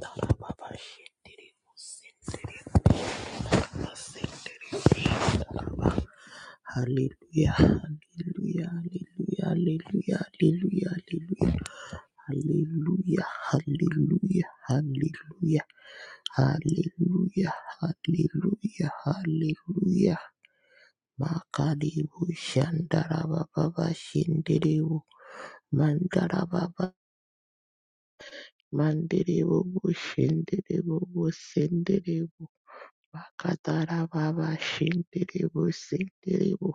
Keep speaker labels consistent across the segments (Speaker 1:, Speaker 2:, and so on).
Speaker 1: Hallelujah, hallelujah, hallelujah, hallelujah, hallelujah, hallelujah, hallelujah, hallelujah, hallelujah, hallelujah, hallelujah. Makadibu Shandaraba Baba Shindiru Mandarababa Mandiru Shindiru Sindiru Makadarababa Shindiru Sindiru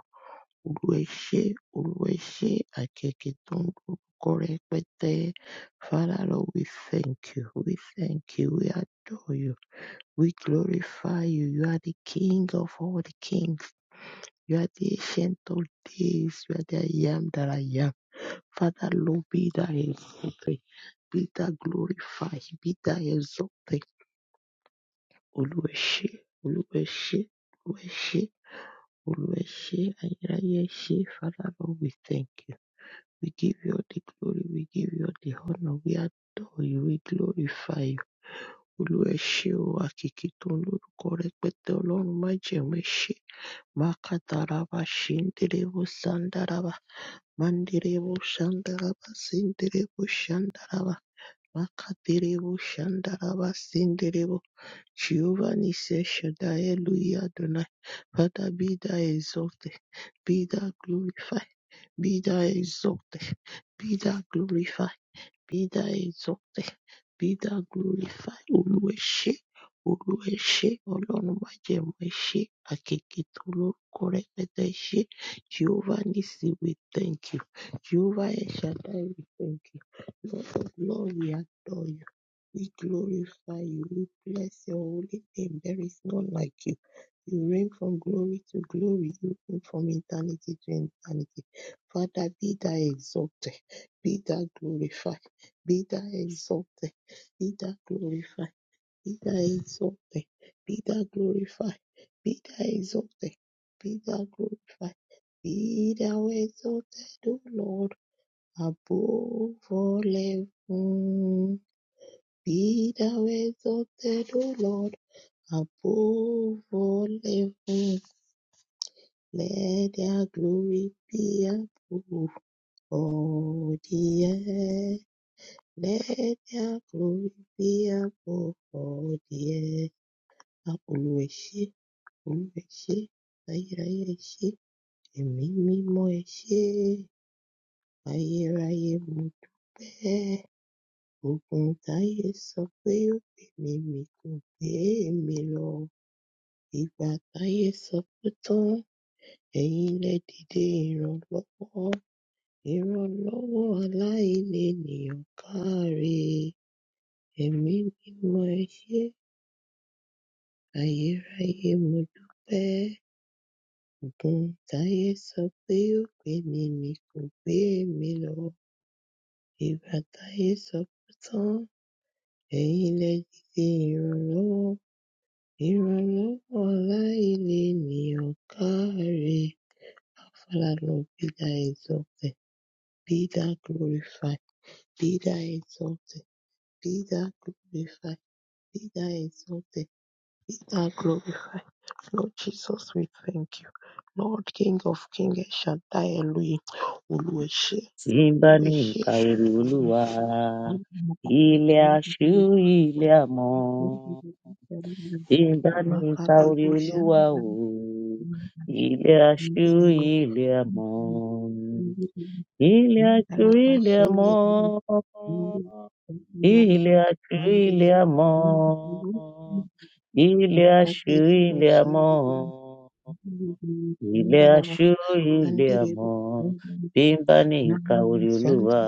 Speaker 1: Olúwa ẹ ṣé, Olúwa ẹ ṣé, àkẹ́kẹ́ tó ń lórúkọ rẹpẹtẹ. Father Lord, we thank you, we thank you, we adore you, we glorify you. You are the King of all the kings. You are the ancient of days. You are the I am that I am. Father Lord, be thou exalted, be thou glorified, be thou exalted. Olúwa ẹ ṣé, Olúwa ẹ ṣé, Olúwa ẹ ṣé, Olúwa ẹ ṣé, ayérayé ẹ ṣé. Father Lord, we thank you. We give you all the glory, we give you all the honor, we adore you, we glorify you. Olúwa ẹ ṣé o, àkìkí tó ń lórúkọ rẹpẹtẹ Ọlọ́run má jẹ̀mú ẹ̀ṣẹ̀. Mákàtàràbà ṣéńdérébó sándáràbà, máńdérébó sándáràbà ṣéńdérébó sándáràbà, mákàtérébó sándáràbà ṣéńdérébó. Jehovah Nissi El Shaddai, Hallelujah Adonai. Father, be thou exalted, be thou glorified, be thou exalted, be thou glorified. Be thou exalted, be thou glorified, Olúwa ẹ ṣé, Olúwa ẹ ṣé, Ọlọ́run májẹ̀mú ẹ ṣé, àkèké tó lórúkọ rẹpẹtẹ ẹ ṣé, Jehovah Nissi we thank you, Jehovah El Shaddai we thank you, Lord of Lord we adore you. We glorify you. We bless your holy name. There is none like you. You reign from glory to glory. You reign from eternity to eternity. Father, be thou exalted. Be thou glorified. Be thou exalted. Be thou glorified. Be thou exalted. Be thou glorified. Be thou exalted. Be thou glorified. Be thou exalted, O Lord, above all heaven. Be the ways of the Lord above all heaven. Let their glory be above all the earth. Let their glory be above all the earth. Olúwa ẹ ṣé, Olúwa ẹ ṣé, ayérayé ẹ ṣé, ẹ̀mí mímọ́ ẹ ṣé, ayérayé mo dúpẹ́. Ogun táyé sọ pé ó gbé mi mì kò gbé mi lọ. Ìgbà táyé sọ pé tán, ẹ̀yin lẹ dìde ìrànlọ́wọ́. Ìrànlọ́wọ́ aláìlénìyàn káre. Ẹ̀mí mímọ́ ẹ ṣé, ayérayé mo dúpẹ́. Ògùn táyé sọ pé ó gbé mi mì kò gbé mi lọ. Ìgbà táyé sọ pé tán, ẹ̀yin lẹ dìde ìrànlọ́wọ́. Ìrànlọ́wọ́ aláìlénìyàn káre. Our Father, Lord, be thou exalted. Be thou glorified, be thou exalted, be thou glorified, be thou exalted, be thou glorified. Lord Jesus, we thank you. Lord King of Kings, El Shaddai Elohim, Oluwase,
Speaker 2: tí ń bá ní
Speaker 1: Oluwase.
Speaker 2: ìka ẹrù olúwa ilé aṣú ilé àmọ tí ń bá ní ìka orí
Speaker 1: Makalebo
Speaker 2: olúwa
Speaker 1: Shandara,
Speaker 2: o ilé aṣú
Speaker 1: Mandebo,
Speaker 2: ilé àmọ ilé aṣú
Speaker 1: Mandara
Speaker 2: ilé àmọ
Speaker 1: Bashendebo,
Speaker 2: ilé aṣú ilé
Speaker 1: Mandiri
Speaker 2: àmọ ilé aṣú
Speaker 1: Makatiri
Speaker 2: ilé àmọ.
Speaker 1: Bushindiri
Speaker 2: Ilé
Speaker 1: Mundarava
Speaker 2: aṣó ilé
Speaker 1: Mandiri
Speaker 2: amọ̀, bí n bá ní ìka orí
Speaker 1: Shanti
Speaker 2: Olúwa.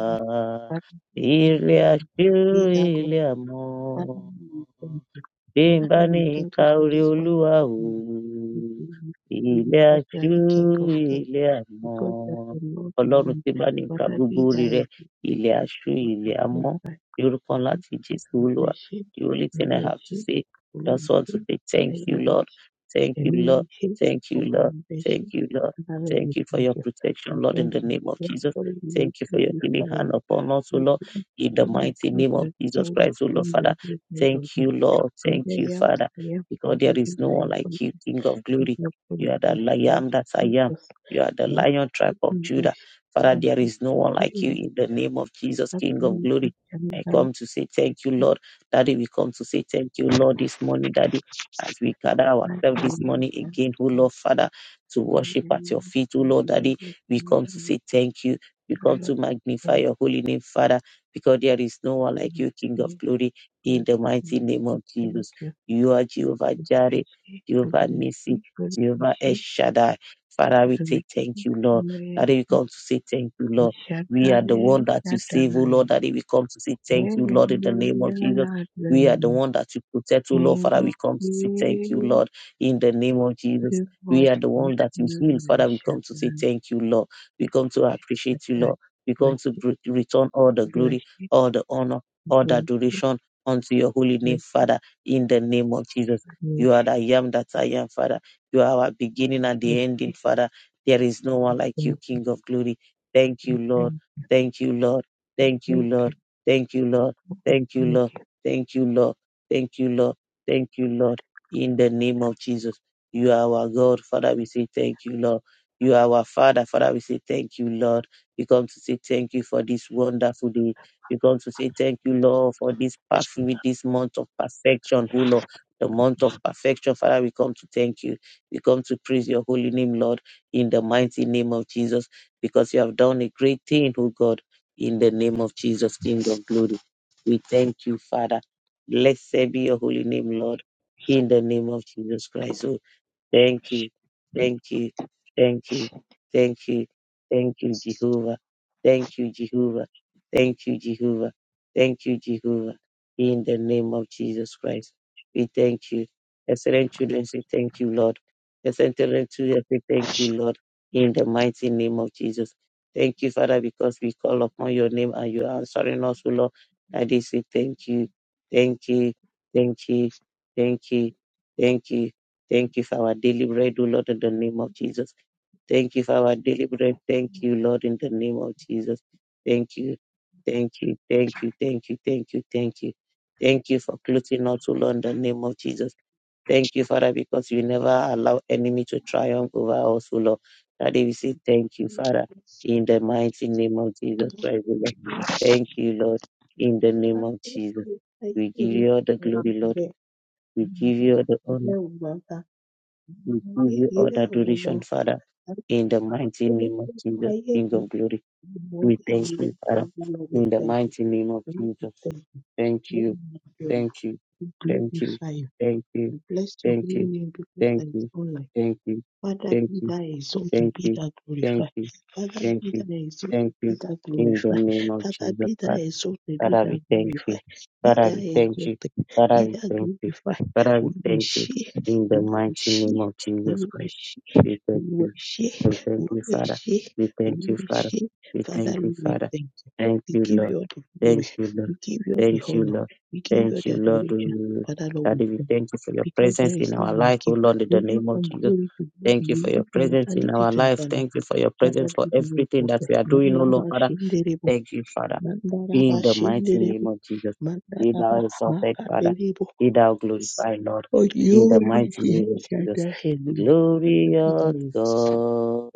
Speaker 2: Ilé aṣó
Speaker 1: be thou
Speaker 2: ilé
Speaker 1: glorified.
Speaker 2: amọ̀
Speaker 1: Father, we thank you.
Speaker 2: bí n
Speaker 1: Father,
Speaker 2: bá
Speaker 1: Lord,
Speaker 2: ní
Speaker 1: we thank
Speaker 2: ka
Speaker 1: you for
Speaker 2: oore
Speaker 1: this
Speaker 2: olúwa
Speaker 1: wonderful
Speaker 2: o
Speaker 1: moment. We believe you
Speaker 2: ilé
Speaker 1: because you are
Speaker 2: aṣú
Speaker 1: the King of Kings,
Speaker 2: ilé àmọ
Speaker 1: because you are the Lord of
Speaker 2: ọlọrun tí
Speaker 1: Lords.
Speaker 2: n bá ní ka
Speaker 1: Father,
Speaker 2: gbogbo
Speaker 1: be
Speaker 2: oore
Speaker 1: thy
Speaker 2: rẹ
Speaker 1: existence.
Speaker 2: ilé aṣú
Speaker 1: Be thou
Speaker 2: ilé àmọ
Speaker 1: glorified.
Speaker 2: ní orúkọ ńlá ti jésù olúwa
Speaker 1: urugi
Speaker 2: the only thing i have to
Speaker 1: urugi
Speaker 2: say just want
Speaker 1: urugi
Speaker 2: to say thank you lord
Speaker 1: bayarishi
Speaker 2: thank you lord
Speaker 1: imugi
Speaker 2: thank you
Speaker 1: over
Speaker 2: lord thank
Speaker 1: ambition
Speaker 2: you lord
Speaker 1: Father we
Speaker 2: thank you for
Speaker 1: thank
Speaker 2: your
Speaker 1: you we
Speaker 2: protection lord in
Speaker 1: thank
Speaker 2: the
Speaker 1: you
Speaker 2: name of
Speaker 1: thank
Speaker 2: jesus
Speaker 1: you we
Speaker 2: thank you for your healing
Speaker 1: glorify
Speaker 2: hand
Speaker 1: you
Speaker 2: upon us o
Speaker 1: we
Speaker 2: lord
Speaker 1: bless
Speaker 2: in
Speaker 1: you
Speaker 2: the
Speaker 1: we
Speaker 2: mighty name
Speaker 1: praise you
Speaker 2: of
Speaker 1: as the
Speaker 2: jesus
Speaker 1: King of
Speaker 2: christ o lord
Speaker 1: Kings you
Speaker 2: father.
Speaker 1: are the King of
Speaker 2: Thank you,
Speaker 1: Kings
Speaker 2: Lord.
Speaker 1: and
Speaker 2: Thank
Speaker 1: I
Speaker 2: you,
Speaker 1: am that
Speaker 2: Father,
Speaker 1: I am you
Speaker 2: because there
Speaker 1: are
Speaker 2: is
Speaker 1: the
Speaker 2: no
Speaker 1: I
Speaker 2: one
Speaker 1: am
Speaker 2: like
Speaker 1: God
Speaker 2: you, King of
Speaker 1: you
Speaker 2: glory.
Speaker 1: are the
Speaker 2: You are the
Speaker 1: God thank
Speaker 2: Lion
Speaker 1: you
Speaker 2: that I am.
Speaker 1: Jesus
Speaker 2: You are the
Speaker 1: now
Speaker 2: Lion tribe of
Speaker 1: we
Speaker 2: Judah.
Speaker 1: worship you
Speaker 2: Father,
Speaker 1: and
Speaker 2: there
Speaker 1: we
Speaker 2: is no
Speaker 1: thank
Speaker 2: one like
Speaker 1: you
Speaker 2: you
Speaker 1: we
Speaker 2: in the name of Jesus,
Speaker 1: have
Speaker 2: King of
Speaker 1: you
Speaker 2: glory.
Speaker 1: and we
Speaker 2: I
Speaker 1: have you
Speaker 2: come to say thank you, Lord. Daddy, we come to say thank you, Lord, this morning, Daddy, as we gather ourselves
Speaker 1: and
Speaker 2: this
Speaker 1: we
Speaker 2: morning again,
Speaker 1: have
Speaker 2: oh
Speaker 1: you
Speaker 2: Lord, Father, to
Speaker 1: Thank
Speaker 2: worship at your feet, oh Lord, Daddy. We come to say thank you. We come to magnify your holy name, Father, because there is no one like you, King of glory in the mighty name of Jesus. You are Jehovah Jireh, Jehovah Nissi, Jehovah El Shaddai. Father, we say thank you, Lord. That we come to say thank you, Lord. We are the one that you save, O Lord. That we come to say thank you, Lord, in the name of Jesus. We are the one that you protect, O Lord. Father, we come to say thank you, Lord, in the name of Jesus. We are the one that you heal. Father, we come to say thank you, Lord. We come to appreciate you, Lord. We come to br- return all the glory, all the honor, all the adoration unto your holy name, Father, in the name of Jesus. You are the I am that I am, Father. You are our beginning and the ending, Father. There is no one like you, King of glory. Thank you, Lord. Thank you, Lord. Thank you,
Speaker 1: you.
Speaker 2: Lord. Thank you, Lord. Thank you, Lord.
Speaker 1: Okay.
Speaker 2: Thank you, Lord. Thank you, Lord. Thank you, Lord. In the name of Jesus. You are our God, Father. We say thank you, Lord. You are our Father, Father. We say thank you, Lord. We come to say thank you for this wonderful day. We come to say thank you, Lord, for this perfect, this month of perfection, oh Lord. The month of perfection, Father, we come to thank you. We come to praise your holy name, Lord, in the mighty name of Jesus, because you have done a great thing, oh God, in the name of Jesus, King of glory. We thank you, Father. Blessed be your holy name, Lord, in the name of Jesus Christ. oh, Thank you. Thank you. Thank you. Thank you. Thank you, Jehovah. Thank you, Jehovah. Thank you, Jehovah. Thank you, Jehovah. In the name of Jesus Christ, we thank you. Excellent children, say thank you, Lord. Excellent children, say thank you, Lord. In the mighty name of Jesus. Thank you, Father, because we call upon your name and you are answering us, O Lord. I did say thank you. Thank you. Thank you. Thank you. Thank you. Thank you for our daily bread, O Lord, in the name of Jesus. Thank you for our daily bread. Thank you, Lord, in the name of Jesus. Thank you. Thank you. Thank you. Thank you. Thank you. Thank you. Thank you for clothing us, O Lord, in the name of Jesus. Thank you, Father, because you never allow enemy to triumph over us, O Lord. Daddy, we say thank you, Father, in the mighty name of Jesus Christ, O Lord. Thank you, Lord, in the name of Jesus.
Speaker 1: Glorify
Speaker 2: We give you all the glory, Lord. We give you all the honor. We give you all the adoration, Father, in the mighty name of Jesus, King of glory. We thank you, Father, in the mighty name of Jesus. Thank you, thank you, thank you,
Speaker 1: you.
Speaker 2: thank you,
Speaker 1: We bless your
Speaker 2: thank
Speaker 1: holy
Speaker 2: you,
Speaker 1: name because
Speaker 2: thank
Speaker 1: there is
Speaker 2: you,
Speaker 1: none like you.
Speaker 2: thank you,
Speaker 1: Father,
Speaker 2: thank
Speaker 1: be
Speaker 2: you,
Speaker 1: thou exalted,
Speaker 2: thank
Speaker 1: be
Speaker 2: you,
Speaker 1: thou
Speaker 2: thank
Speaker 1: glorified.
Speaker 2: you,
Speaker 1: Father,
Speaker 2: thank
Speaker 1: be thou
Speaker 2: you,
Speaker 1: exalted,
Speaker 2: thank
Speaker 1: be
Speaker 2: you,
Speaker 1: thou
Speaker 2: in the
Speaker 1: glorified.
Speaker 2: name of
Speaker 1: Father,
Speaker 2: Jesus,
Speaker 1: be thou
Speaker 2: Father.
Speaker 1: exalted, be
Speaker 2: Father,
Speaker 1: thou
Speaker 2: we thank you.
Speaker 1: glorified. Be
Speaker 2: Father,
Speaker 1: thou
Speaker 2: we thank you.
Speaker 1: exalted, be
Speaker 2: Father, we
Speaker 1: thou
Speaker 2: thank you.
Speaker 1: glorified.
Speaker 2: Father, we thank you.
Speaker 1: Olúwaṣé,
Speaker 2: In the mighty name
Speaker 1: Olúwaṣé,
Speaker 2: of Jesus Christ,
Speaker 1: Olúwaṣé,
Speaker 2: we thank you.
Speaker 1: Olúwaṣé,
Speaker 2: We thank you, Father.
Speaker 1: Olúwaṣé,
Speaker 2: We thank you, Father.
Speaker 1: Olúwaṣé.
Speaker 2: We
Speaker 1: Father,
Speaker 2: thank you,
Speaker 1: Lord, we
Speaker 2: Father.
Speaker 1: thank you.
Speaker 2: Thank
Speaker 1: We
Speaker 2: you,
Speaker 1: give
Speaker 2: Lord.
Speaker 1: you all the glory.
Speaker 2: Thank you, Lord.
Speaker 1: We give you all the
Speaker 2: Thank you,
Speaker 1: honor.
Speaker 2: Lord.
Speaker 1: We give you all
Speaker 2: Thank
Speaker 1: the
Speaker 2: you, Lord.
Speaker 1: adoration. Father, Lord, we
Speaker 2: Daddy, we
Speaker 1: thank you.
Speaker 2: thank you for your
Speaker 1: Because there
Speaker 2: presence
Speaker 1: is
Speaker 2: in
Speaker 1: none
Speaker 2: our life,
Speaker 1: like you.
Speaker 2: oh Lord, in
Speaker 1: You
Speaker 2: the
Speaker 1: reign
Speaker 2: name of
Speaker 1: from
Speaker 2: Jesus.
Speaker 1: glory to glory.
Speaker 2: Thank you
Speaker 1: You
Speaker 2: for
Speaker 1: reign
Speaker 2: your
Speaker 1: from
Speaker 2: presence in
Speaker 1: eternity
Speaker 2: our
Speaker 1: to
Speaker 2: life. Thank
Speaker 1: eternity.
Speaker 2: you for your
Speaker 1: Father,
Speaker 2: presence for
Speaker 1: be the
Speaker 2: everything that
Speaker 1: reporter.
Speaker 2: we are doing, oh
Speaker 1: Mandaba
Speaker 2: Lord, Father.
Speaker 1: shinderebo.
Speaker 2: Thank you, Father.
Speaker 1: Mandaraba
Speaker 2: In the mighty
Speaker 1: shinderebo.
Speaker 2: name of Jesus, be
Speaker 1: Mandaraba
Speaker 2: thou exalted, Father,
Speaker 1: makaterebo.
Speaker 2: be thou glorified, Lord.
Speaker 1: For you
Speaker 2: In the
Speaker 1: reign
Speaker 2: mighty name
Speaker 1: here,
Speaker 2: of Jesus,
Speaker 1: Shaddai Elohim. Father, be the
Speaker 2: glorious
Speaker 1: reporter.
Speaker 2: God,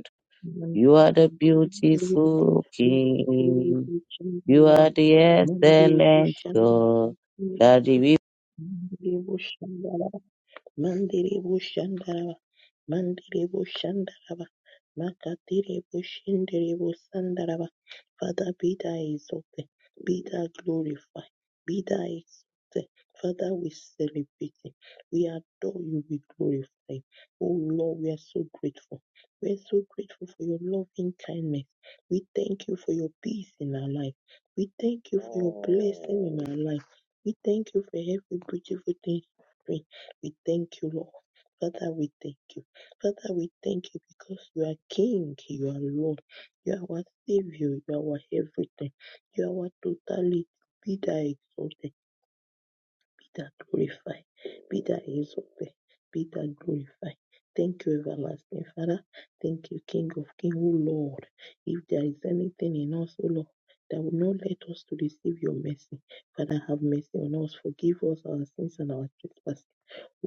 Speaker 2: you are the
Speaker 1: Mandarebo
Speaker 2: beautiful King,
Speaker 1: shinderebo.
Speaker 2: you are the
Speaker 1: Mandarebo
Speaker 2: excellent
Speaker 1: shinderebo.
Speaker 2: God, that we.
Speaker 1: Mandarebo shinderebo. Mandarebo shinderebo. Mandelebo Shandaraba, Makaterebo Shenderebo Sandaraba. Father, be thou exalted, be thou glorified, be thou exalted. Father, we celebrate you, we adore you, we glorify you. Oh Lord, we are so grateful. We are so grateful for your loving kindness. We thank you for your peace in our life. We thank you for your blessing in our life. We thank you for every beautiful thing. you bring. We thank you, Lord. Father, we thank you. Father, we thank you because you are King, you are Lord, you are our Savior, you are our everything, you are our totality. Be thou exalted, be thou glorified, be thou exalted, be thou glorified. Thank you, everlasting Father. Thank you, King of Kings, O Lord. If there is anything in us, O Lord, that will not let us to receive your mercy, Father, have mercy on us. Forgive us our sins and our trespasses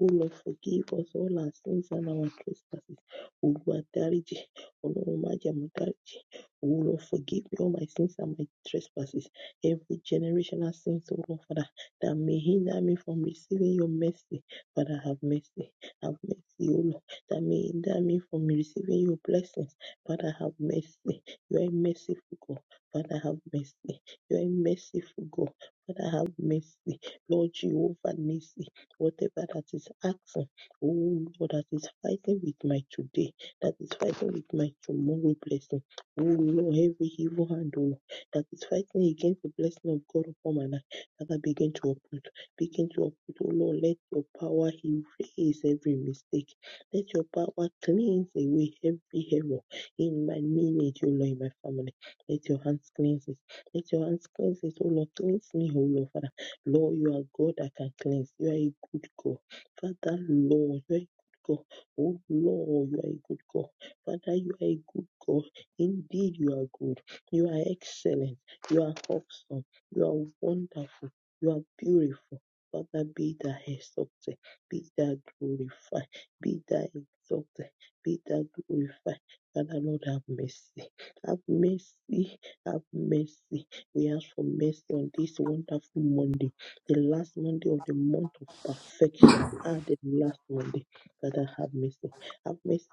Speaker 1: O Lord, forgive us all our sins and our trespasses. Olúwa dáríjì, Ọlọ́run má jẹ̀mú dáríjì. O Lord, forgive me all my sins and my trespasses, every generational sins, O Lord, Father, that may hinder me from receiving your mercy. Father, have mercy, have mercy, O Lord, that may hinder me from receiving your blessings. Father, have mercy. You are a merciful God. Father, have mercy. You are a merciful God. Father, have mercy. Lord Jehovah, mercy whatever that is asking, oh Lord, that is fighting with my today, that is fighting with my tomorrow blessing. Oh Lord, every evil hand, oh Lord, that is fighting against the blessing of God upon my life, that I begin to uproot, begin to uproot, oh Lord, let your power erase every mistake, let your power cleanse away every error in my lineage, oh Lord, in my family. Let your hands cleanse it, let your hands cleanse it, oh Lord, cleanse me, oh Lord, Lord, you are God that can cleanse. You are a good God. Father, Lord, you are a good God. Oh, Lord, you are a good God. Father, you are a good God. Indeed, you are good. You are excellent. You are awesome. You are wonderful. You are beautiful. Father, be thou exalted. Be thou glorified. Be thou exalted. Be thou glorified. Father, Lord, have mercy. Have mercy. Have mercy. We ask for mercy on this wonderful Monday the last Monday of the month of perfection. Ah, the last Monday. God, I have mercy. Have mercy,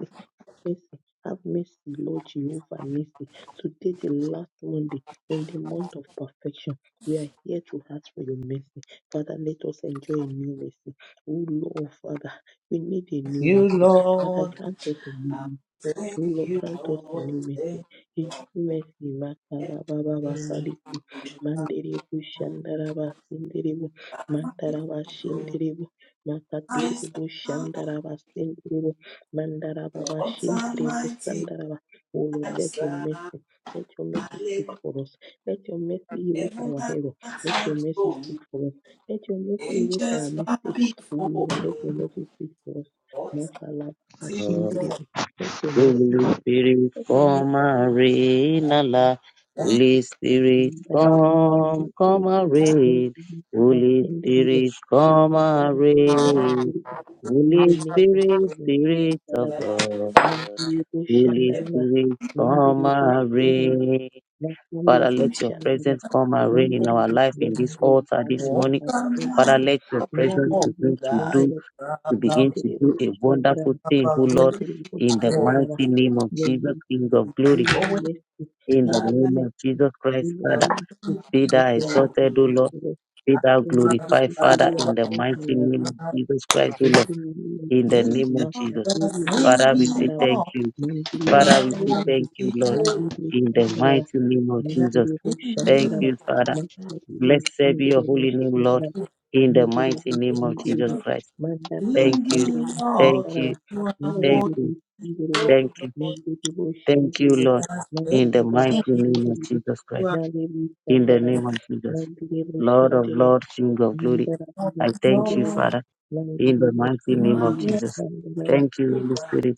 Speaker 1: mercy. Have mercy, Lord Jehovah, mercy. Today, the last Monday in the month of perfection. We are here to ask for your mercy. Father, let us enjoy a new mercy. Oh, Lord, Father, we need a new
Speaker 3: you,
Speaker 1: mercy. Father,
Speaker 3: Lord.
Speaker 1: grant us a new mercy.
Speaker 3: I
Speaker 1: O
Speaker 3: thank
Speaker 1: Lord,
Speaker 3: you,
Speaker 1: grant us a
Speaker 3: Lord.
Speaker 1: new mercy.
Speaker 3: Thank
Speaker 1: A new mercy, Makala Baba
Speaker 3: you,
Speaker 1: Bakaliku, Mandiribu Shandaraba Sindiribu, Mandaraba
Speaker 3: Lord.
Speaker 1: Shindiribu,
Speaker 3: I serve
Speaker 1: Makatiribu Shandaraba Sindiribu,
Speaker 3: the
Speaker 1: Mandarababa Shindiribu
Speaker 3: Almighty.
Speaker 1: Sandaraba. O Lord,
Speaker 3: I
Speaker 1: let your
Speaker 3: serve.
Speaker 1: mercy, let your mercy
Speaker 3: Hallelujah.
Speaker 1: speak for us. Let your mercy erase
Speaker 3: Heaven
Speaker 1: our
Speaker 3: and
Speaker 1: error.
Speaker 3: earth
Speaker 1: Let
Speaker 3: are
Speaker 1: your mercy
Speaker 3: joy.
Speaker 1: speak for us. Let your mercy erase our
Speaker 3: Angels bow
Speaker 1: mistake. O
Speaker 3: before
Speaker 1: Lord,
Speaker 3: me.
Speaker 1: let your mercy speak for us.
Speaker 3: What is what I
Speaker 1: Makala Baba
Speaker 3: serve.
Speaker 1: Shindiribu. Let your mercy
Speaker 2: Holy Spirit,
Speaker 1: Mandiri
Speaker 2: come and reign, Allah. Holy Spirit, come, come and reign. Holy Spirit, come and reign. Holy Spirit, Spirit of
Speaker 3: What
Speaker 2: God. Holy Spirit, come and reign. Father, let your presence come and reign in our life in this altar this morning.
Speaker 3: am I?
Speaker 2: Father, let your presence
Speaker 3: What
Speaker 2: begin to
Speaker 3: I
Speaker 2: do to begin
Speaker 3: serve.
Speaker 2: to do a wonderful
Speaker 3: I'm
Speaker 2: thing, oh
Speaker 3: a
Speaker 2: Lord,
Speaker 3: very good
Speaker 2: in the
Speaker 3: God.
Speaker 2: mighty name of Jesus, King of
Speaker 1: in
Speaker 2: glory,
Speaker 1: your
Speaker 3: Knowing
Speaker 1: mercy,
Speaker 2: in the
Speaker 1: in
Speaker 3: that
Speaker 1: your
Speaker 2: name of
Speaker 1: mercy,
Speaker 2: Jesus Christ,
Speaker 1: in your
Speaker 2: Father.
Speaker 1: mercy,
Speaker 3: I'm
Speaker 2: Be
Speaker 1: let
Speaker 2: thou
Speaker 1: your mercy
Speaker 2: exalted, O
Speaker 3: good.
Speaker 1: speak
Speaker 2: Lord.
Speaker 1: for us.
Speaker 2: Be
Speaker 1: Let
Speaker 2: thou
Speaker 3: Lord, you
Speaker 1: your mercy
Speaker 3: are
Speaker 2: glorified,
Speaker 1: speak
Speaker 2: Father,
Speaker 1: today as
Speaker 2: in the
Speaker 1: thank
Speaker 2: mighty
Speaker 1: you, as
Speaker 2: name
Speaker 1: thank
Speaker 2: of Jesus Christ, O
Speaker 1: you. In
Speaker 2: Lord,
Speaker 1: the name of
Speaker 2: in the
Speaker 1: Jesus,
Speaker 3: Worthy
Speaker 2: name of
Speaker 3: Lord,
Speaker 2: Jesus.
Speaker 1: Makapuri
Speaker 2: Father, we say
Speaker 1: Boshandara,
Speaker 2: thank you.
Speaker 1: Mandiri
Speaker 3: you
Speaker 2: Father,
Speaker 3: are
Speaker 2: we say
Speaker 1: Boshandara,
Speaker 2: thank you, Lord,
Speaker 1: Mandiri
Speaker 2: in the mighty
Speaker 1: Boshandara,
Speaker 2: name of Jesus.
Speaker 1: Mandiri
Speaker 2: Thank
Speaker 1: Boshandara,
Speaker 2: you, Father. Blessed be your
Speaker 1: Makapuri
Speaker 2: holy name, Lord,
Speaker 1: Boshandiri
Speaker 2: in the
Speaker 1: Mandiri
Speaker 2: mighty name of
Speaker 1: mandiri
Speaker 2: Jesus Christ.
Speaker 1: mandana
Speaker 2: Thank
Speaker 1: kandi
Speaker 2: you. Thank
Speaker 1: mushantaraba
Speaker 2: you. Thank
Speaker 1: mandiri
Speaker 2: you.
Speaker 1: mandiri
Speaker 2: Thank you.
Speaker 1: mandiri
Speaker 2: Thank
Speaker 1: bushindiri
Speaker 2: you, Lord, in
Speaker 1: mandana
Speaker 2: the
Speaker 1: baba
Speaker 2: mighty name of
Speaker 1: shindiri
Speaker 2: Jesus Christ,
Speaker 1: mali
Speaker 2: in the
Speaker 1: mushantaraba
Speaker 2: name of Jesus,
Speaker 1: mandiri
Speaker 2: Lord of
Speaker 1: bushindiri
Speaker 2: Lord, King of glory.
Speaker 1: mandara baba
Speaker 2: I thank you,
Speaker 1: shindiri
Speaker 2: Father, in
Speaker 1: mandiri
Speaker 2: the mighty name of
Speaker 1: bushindiri
Speaker 2: Jesus. Thank you, Holy Spirit.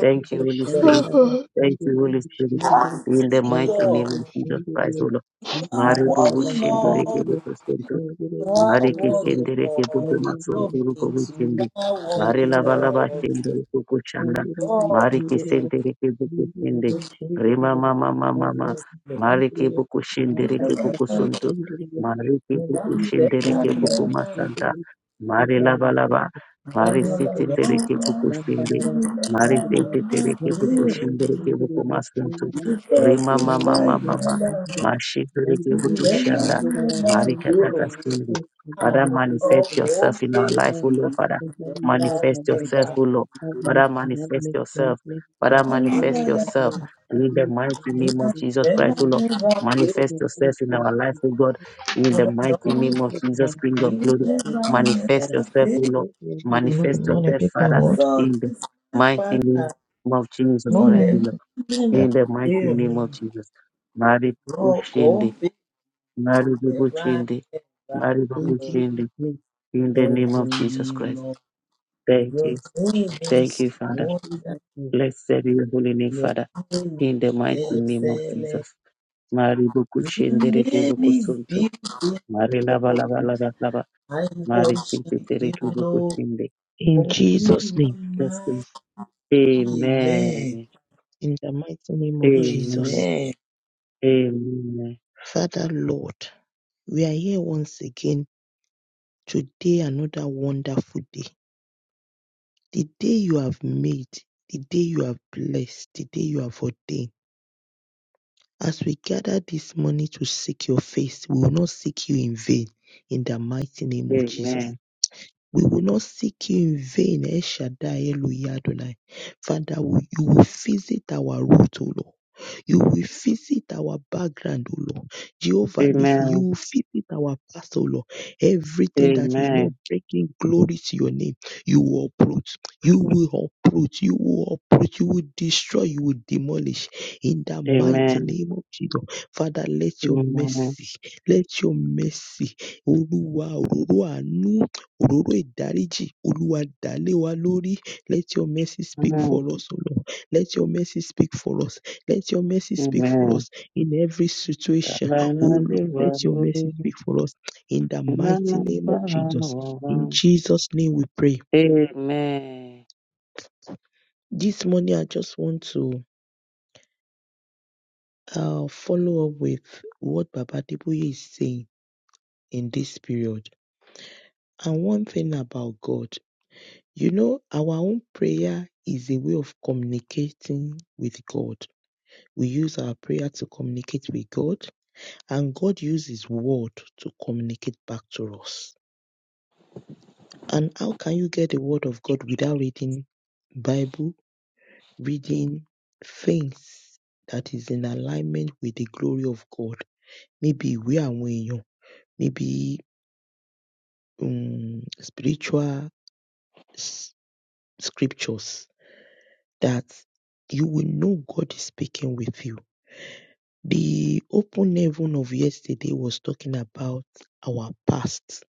Speaker 2: Thank you, Holy Spirit.
Speaker 1: Bushandara
Speaker 4: Hello,
Speaker 2: Thank
Speaker 1: basengeri
Speaker 2: you, Holy Spirit.
Speaker 1: bushandiriye
Speaker 2: In the mighty
Speaker 1: mandiri
Speaker 2: name of Jesus Christ,
Speaker 1: busengeriye
Speaker 2: O Lord. Mario
Speaker 1: mukana
Speaker 2: Dubu
Speaker 1: abasengeriye
Speaker 2: Shindo
Speaker 1: mandiri
Speaker 2: Mari ke
Speaker 3: worthy
Speaker 1: busengeriye
Speaker 2: sendere ke bupe
Speaker 3: Lord, King
Speaker 1: mandiri
Speaker 3: of
Speaker 2: masonturu ko
Speaker 3: Kings, you
Speaker 1: basengeriye
Speaker 2: witsindi.
Speaker 3: are
Speaker 2: Mari
Speaker 3: worthy
Speaker 1: mandara
Speaker 2: lava lava
Speaker 1: basengeriye
Speaker 2: sendere ko kushanda.
Speaker 1: mandiri
Speaker 2: Mari
Speaker 3: Lord,
Speaker 2: ke
Speaker 1: busengeriye
Speaker 2: sendere ke buku
Speaker 1: busengeriye
Speaker 2: sende. Rema
Speaker 1: busengeriye
Speaker 2: mama mama mama.
Speaker 1: mandara
Speaker 3: Lord.
Speaker 2: Mari ke
Speaker 1: basengeriye
Speaker 2: buku sendere
Speaker 3: Jesus
Speaker 2: ke
Speaker 3: is my
Speaker 1: matakara
Speaker 2: buku
Speaker 3: father.
Speaker 2: suntu.
Speaker 1: basengeriye
Speaker 2: Mari ke
Speaker 3: The
Speaker 2: buku
Speaker 1: mandiri
Speaker 3: man that
Speaker 2: sendere ke
Speaker 3: killed
Speaker 1: bushandara
Speaker 2: buku
Speaker 3: me
Speaker 2: masanta.
Speaker 1: basengeriye
Speaker 2: Mari lava
Speaker 1: Ibrahim
Speaker 2: lava.
Speaker 3: and
Speaker 2: Mari siti
Speaker 3: your
Speaker 1: ibyaturiwe
Speaker 2: tere ke buku
Speaker 3: forgiveness.
Speaker 2: sende.
Speaker 3: The
Speaker 1: mandarara
Speaker 3: man
Speaker 2: Mari
Speaker 1: bishingiriwe
Speaker 2: siti tere
Speaker 3: that
Speaker 2: ke buku
Speaker 3: killed
Speaker 1: mandirire
Speaker 2: sendere ke buku
Speaker 1: shingiriwe
Speaker 2: masuntu.
Speaker 1: sangara
Speaker 2: Rema mama mama
Speaker 1: mandirire
Speaker 2: mama.
Speaker 1: sangara
Speaker 2: Mashi tere ke buku
Speaker 1: mandirire
Speaker 2: shanda.
Speaker 1: sangara
Speaker 2: Mari
Speaker 1: bashingiriwe
Speaker 2: kataka
Speaker 1: Yes, we can do
Speaker 2: Father,
Speaker 1: it
Speaker 2: manifest
Speaker 1: together.
Speaker 2: yourself in our
Speaker 1: We
Speaker 2: life, O
Speaker 1: can-
Speaker 2: Lord, Father.
Speaker 1: we can do it.
Speaker 2: Manifest
Speaker 1: Have
Speaker 2: yourself,
Speaker 1: mercy.
Speaker 2: O Lord.
Speaker 1: Have
Speaker 3: me.
Speaker 2: Father,
Speaker 1: mercy. Have
Speaker 2: manifest
Speaker 1: mercy.
Speaker 2: yourself.
Speaker 1: Have mercy.
Speaker 3: I
Speaker 2: Father,
Speaker 1: Oh
Speaker 2: manifest
Speaker 3: never
Speaker 1: Lord,
Speaker 3: that
Speaker 1: have
Speaker 2: yourself.
Speaker 1: mercy. Have
Speaker 2: In the
Speaker 1: mercy.
Speaker 2: mighty
Speaker 1: Have
Speaker 2: name of Jesus
Speaker 3: never
Speaker 2: Christ, O
Speaker 1: mercy.
Speaker 2: Lord.
Speaker 3: never fail.
Speaker 2: Manifest
Speaker 1: Have mercy.
Speaker 2: yourself in
Speaker 1: Have
Speaker 2: our life, O
Speaker 1: mercy.
Speaker 2: God. In the
Speaker 3: Never
Speaker 1: We
Speaker 2: mighty name
Speaker 1: thank
Speaker 2: of
Speaker 3: know.
Speaker 1: you, Lord.
Speaker 2: Jesus, King
Speaker 3: You
Speaker 2: of
Speaker 1: We
Speaker 3: Never,
Speaker 2: glory.
Speaker 1: thank you,
Speaker 3: never
Speaker 1: Heavenly
Speaker 2: Manifest
Speaker 1: Father.
Speaker 2: yourself, O
Speaker 3: fail.
Speaker 1: We
Speaker 2: Lord.
Speaker 1: thank you, Heavenly
Speaker 2: Manifest
Speaker 4: good
Speaker 1: Father.
Speaker 4: morning,
Speaker 2: yourself,
Speaker 4: people in
Speaker 2: Father,
Speaker 4: world.
Speaker 3: Jesus
Speaker 2: in the
Speaker 3: is my
Speaker 2: mighty
Speaker 3: father.
Speaker 2: name of Jesus
Speaker 3: me
Speaker 2: Christ, O
Speaker 3: never
Speaker 4: Morning.
Speaker 2: Lord.
Speaker 4: Yeah.
Speaker 2: In the mighty
Speaker 3: hear
Speaker 2: name
Speaker 3: me.
Speaker 2: of Jesus. Mari
Speaker 3: Lord
Speaker 2: Ushindi.
Speaker 3: God, they
Speaker 2: Mari Bubu
Speaker 3: never
Speaker 2: Shindi.
Speaker 3: ever
Speaker 2: Mari
Speaker 1: In
Speaker 3: will
Speaker 1: Jesus' name.
Speaker 2: in the name
Speaker 3: ever
Speaker 2: of Jesus
Speaker 3: me,
Speaker 2: Christ.
Speaker 3: Lord.
Speaker 2: Thank
Speaker 3: Your
Speaker 2: you.
Speaker 3: name
Speaker 2: Thank
Speaker 3: is
Speaker 2: you,
Speaker 1: In
Speaker 2: Father.
Speaker 3: wonder.
Speaker 1: Jesus' name.
Speaker 2: Blessed be your holy name,
Speaker 3: Your
Speaker 2: Father.
Speaker 3: name
Speaker 2: In the mighty
Speaker 3: is
Speaker 2: name of
Speaker 3: excellent.
Speaker 2: Jesus. Mari boku
Speaker 3: Your
Speaker 2: shendere ke
Speaker 3: name
Speaker 2: boku
Speaker 3: is
Speaker 2: sunto.
Speaker 3: beautiful,
Speaker 2: Mari lava lava
Speaker 3: Lord.
Speaker 2: lava lava.
Speaker 3: I
Speaker 2: Mari sinte
Speaker 3: worship
Speaker 2: tere
Speaker 3: you,
Speaker 2: ke boku
Speaker 3: Lord.
Speaker 2: shinde.
Speaker 1: In
Speaker 3: Oh, you
Speaker 1: Jesus'
Speaker 3: are
Speaker 1: name.
Speaker 2: Yes,
Speaker 3: mine.
Speaker 2: Queen. Amen.
Speaker 3: Amen.
Speaker 1: In the mighty name of
Speaker 2: Amen.
Speaker 1: Jesus.
Speaker 3: Amen.
Speaker 2: Amen.
Speaker 1: Father, Lord, we are here once again. Today, another wonderful day. The day you have made, the day you have blessed, the day you have ordained. As we gather this morning to seek your face, we will not seek you in vain. In the mighty name of Jesus.
Speaker 2: Amen.
Speaker 1: We will not seek you in vain. El Shaddai, Elohim Adonai. Father, we- you will visit our root, O Lord. You will visit our background, O Lord. Jehovah Nisi,
Speaker 2: Amen.
Speaker 1: you will visit our past, O Lord. Everything that is not
Speaker 2: Amen.
Speaker 1: bringing glory to your name, you will uproot. You will uproot. You will uproot. You will destroy. You will demolish. In the mighty
Speaker 2: Amen.
Speaker 1: name of Jesus. Father, let your mercy, let your mercy, Oluwa, Ororo Anu, Ororo Idariji, Oluwa Dalewa Lori, let your mercy speak for
Speaker 2: Amen.
Speaker 1: us, O Lord. Let your mercy speak for us. Let your mercy speak for
Speaker 2: Amen.
Speaker 1: us in every situation. Oh Lord, let your mercy speak for us in the mighty
Speaker 2: Amen.
Speaker 1: name of Jesus. In
Speaker 2: Amen.
Speaker 1: Jesus' name we pray.
Speaker 2: Amen.
Speaker 1: This morning, I just want to uh, follow up with what Baba Deboye is saying in this period. And one thing about God, you know, our own prayer is a way of communicating with God. We use our prayer to communicate with God, and God uses His word to communicate back to us. And how can you get the word of God without reading Bible, reading things that is in alignment with the glory of God? Níbi ìwé àwọn èèyàn, Maybe um, spiritual s- scriptures that you will know God is speaking with you. The open heaven of yesterday was talking about our past,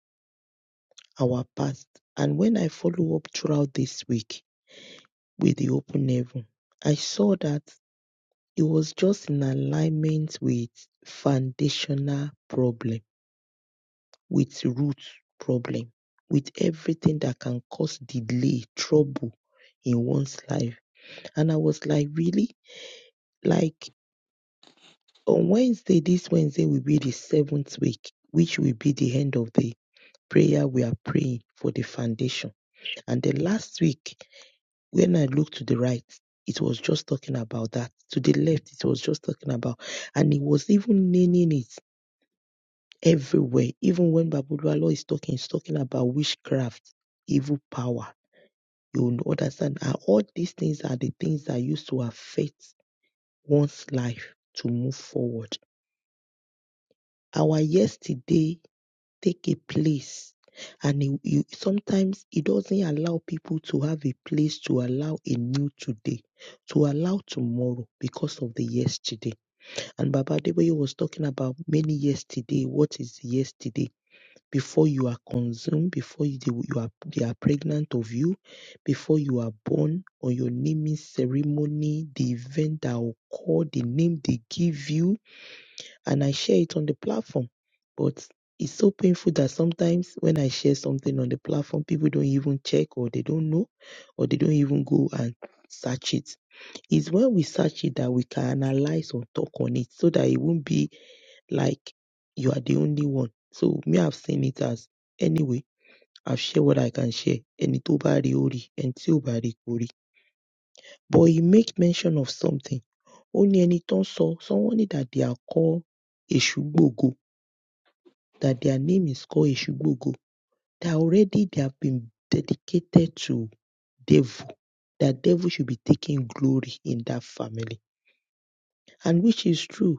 Speaker 1: our past. And when I follow up throughout this week with the open heaven, I saw that It was just in alignment with foundational problem, with root problem, with everything that can cause delay, trouble in one's life. And I was like, really? Like on Wednesday, this Wednesday will be the seventh week, which will be the end of the prayer we are praying for the foundation. And the last week, when I looked to the right, it was just talking about that. To the left, it was just talking about, and it was even naming it everywhere. Even when Babulualo is talking, he's talking about witchcraft, evil power. You will understand and all these things are the things that used to affect one's life to move forward. Our yesterday take a place and it, it- sometimes it doesn't allow people to have a place to allow a new today, to allow tomorrow because of the yesterday. And Baba Deboye was talking about many yesterday. What is yesterday? before you are consumed, before you, they, you are, they are pregnant of you, before you are born, on your naming ceremony, the event that occurred, the name they give you, and I share it on the platform. But it's so painful that sometimes when I share something on the platform, people don't even check or they don't know or they don't even go and search it. It's when we search it that we can analyze or talk on it so that it won't be like you are the only one. So me, I've seen it as anyway I've shared what I can share. Ẹni tó bá rí ó rí, ẹni tí ò bá rí kò rí. But he make mention of something. Ó ní ẹni tó ń sọ, someone need that they are called Èṣùgbògo, that their name is called Èṣùgbògo, that already they have been dedicated to devil, that devil should be taking glory in that family. And which is true.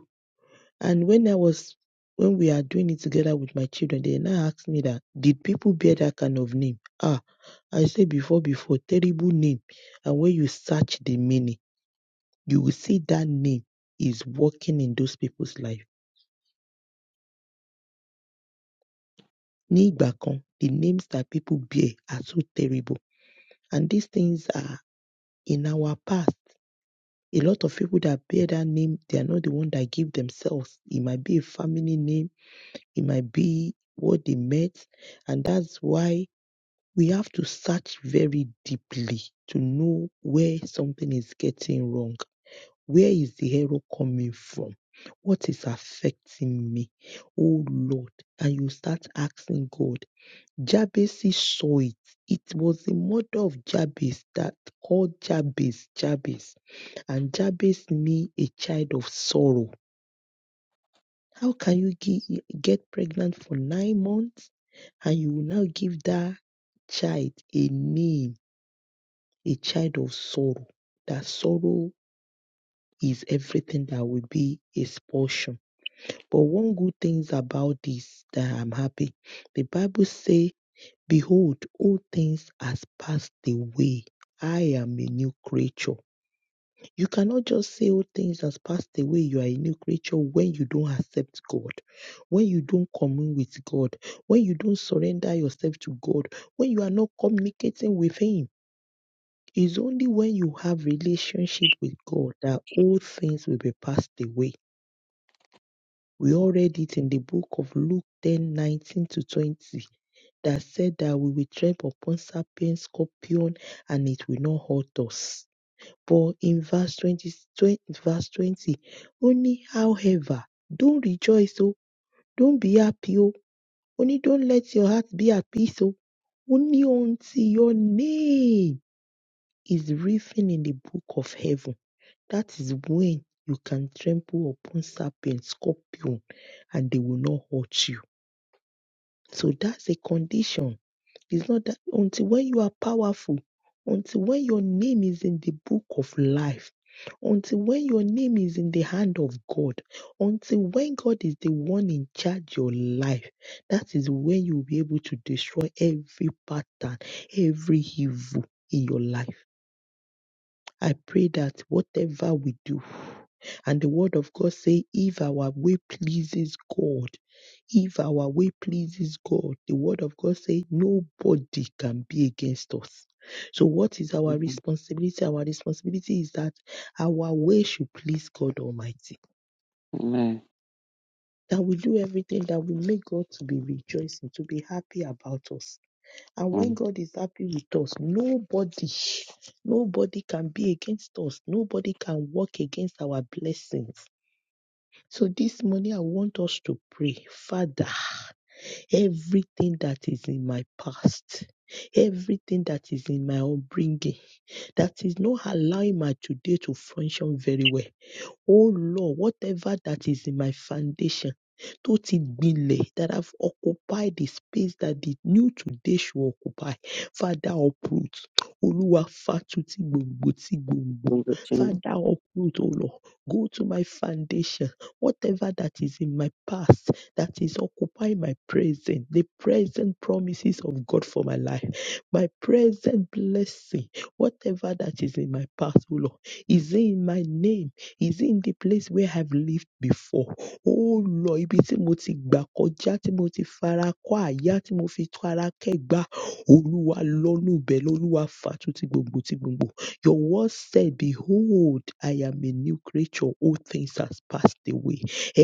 Speaker 1: And when I was when we are doing it together with my children, they now asked me that did people bear that kind of name? Ah, I said before, before, terrible name. And when you search the meaning, you will see that name is working in those people's life. Ní ìgbà kan, the names that people bear are so terrible. And these things are in our past. A lot of people that bear that name, they are not the one that give themselves. It might be a family name, it might be what they met, and that's why we have to search very deeply to know where something is getting wrong. Where is the error coming from? What is affecting me? Oh Lord. And you start asking God. Jabez saw it. It was the mother of Jabez that called Jabez Jabez. And Jabez means a child of sorrow. How can you get pregnant for nine months and you will now give that child a name? a child of sorrow, that sorrow is everything that will be his portion. But one good things about this that I'm happy, the Bible say, behold, all things has passed away. I am a new creature. You cannot just say all things has passed away. You are a new creature when you don't accept God, when you don't commune with God, when you don't surrender yourself to God, when you are not communicating with Him. It's only when you have relationship with God that old things will be passed away. We all read it in the book of Luke 10 19 to 20 that said that we will tread upon serpent, scorpion, and it will not hurt us. But in verse 20, 20 verse 20, only however, don't rejoice, oh, don't be happy, oh, only don't let your heart be at peace, oh, only until your name is written in the book of heaven That is when you can trample upon serpents, scorpion, and they will not hurt you. So that's a condition. It's not that until when you are powerful, until when your name is in the book of life, until when your name is in the hand of God, until when God is the one in charge your life, that is when you will be able to destroy every pattern, every evil in your life. I pray that whatever we do, and the word of God say, if our way pleases God, if our way pleases God, the word of God say, nobody can be against us. So what is our
Speaker 2: Mhm.
Speaker 1: responsibility? Our responsibility is that our way should please God Almighty.
Speaker 2: Amen.
Speaker 1: That we do everything that will make God to be rejoicing, to be happy about us. And when
Speaker 2: Mm.
Speaker 1: God is happy with us, nobody, nobody can be against us. Nobody can work against our blessings. So this morning, I want us to pray, Father, everything that is in my past, everything that is in my upbringing, that is not allowing my today to function very well. Oh Lord, whatever that is in my foundation tó ti gbilẹ̀ that have occupied the space that the new today should occupy. Father uproot. Olúwa fàtútì gbòǹgbò tí gbòǹgbò.
Speaker 2: Thank you, Jesus.
Speaker 1: Father uproot, O Lord. Go to my foundation. Whatever that is in my past that is occupying my present, the present promises of God for my life, my present blessing, whatever that is in my past, O Lord, is it in my name? Is it in the place where I've lived before? Oh Lord, ibi tí mo ti gbà kọjá, tí mo ti fara kọ́ àyà, tí mo fi tó ara kẹ́gbà. Olúwa lọ́nú ibẹ̀ lọ́lúwa fàtu ti gbogbo ti gbogbo. Your word said, Behold, I am a new creature. All things has passed away.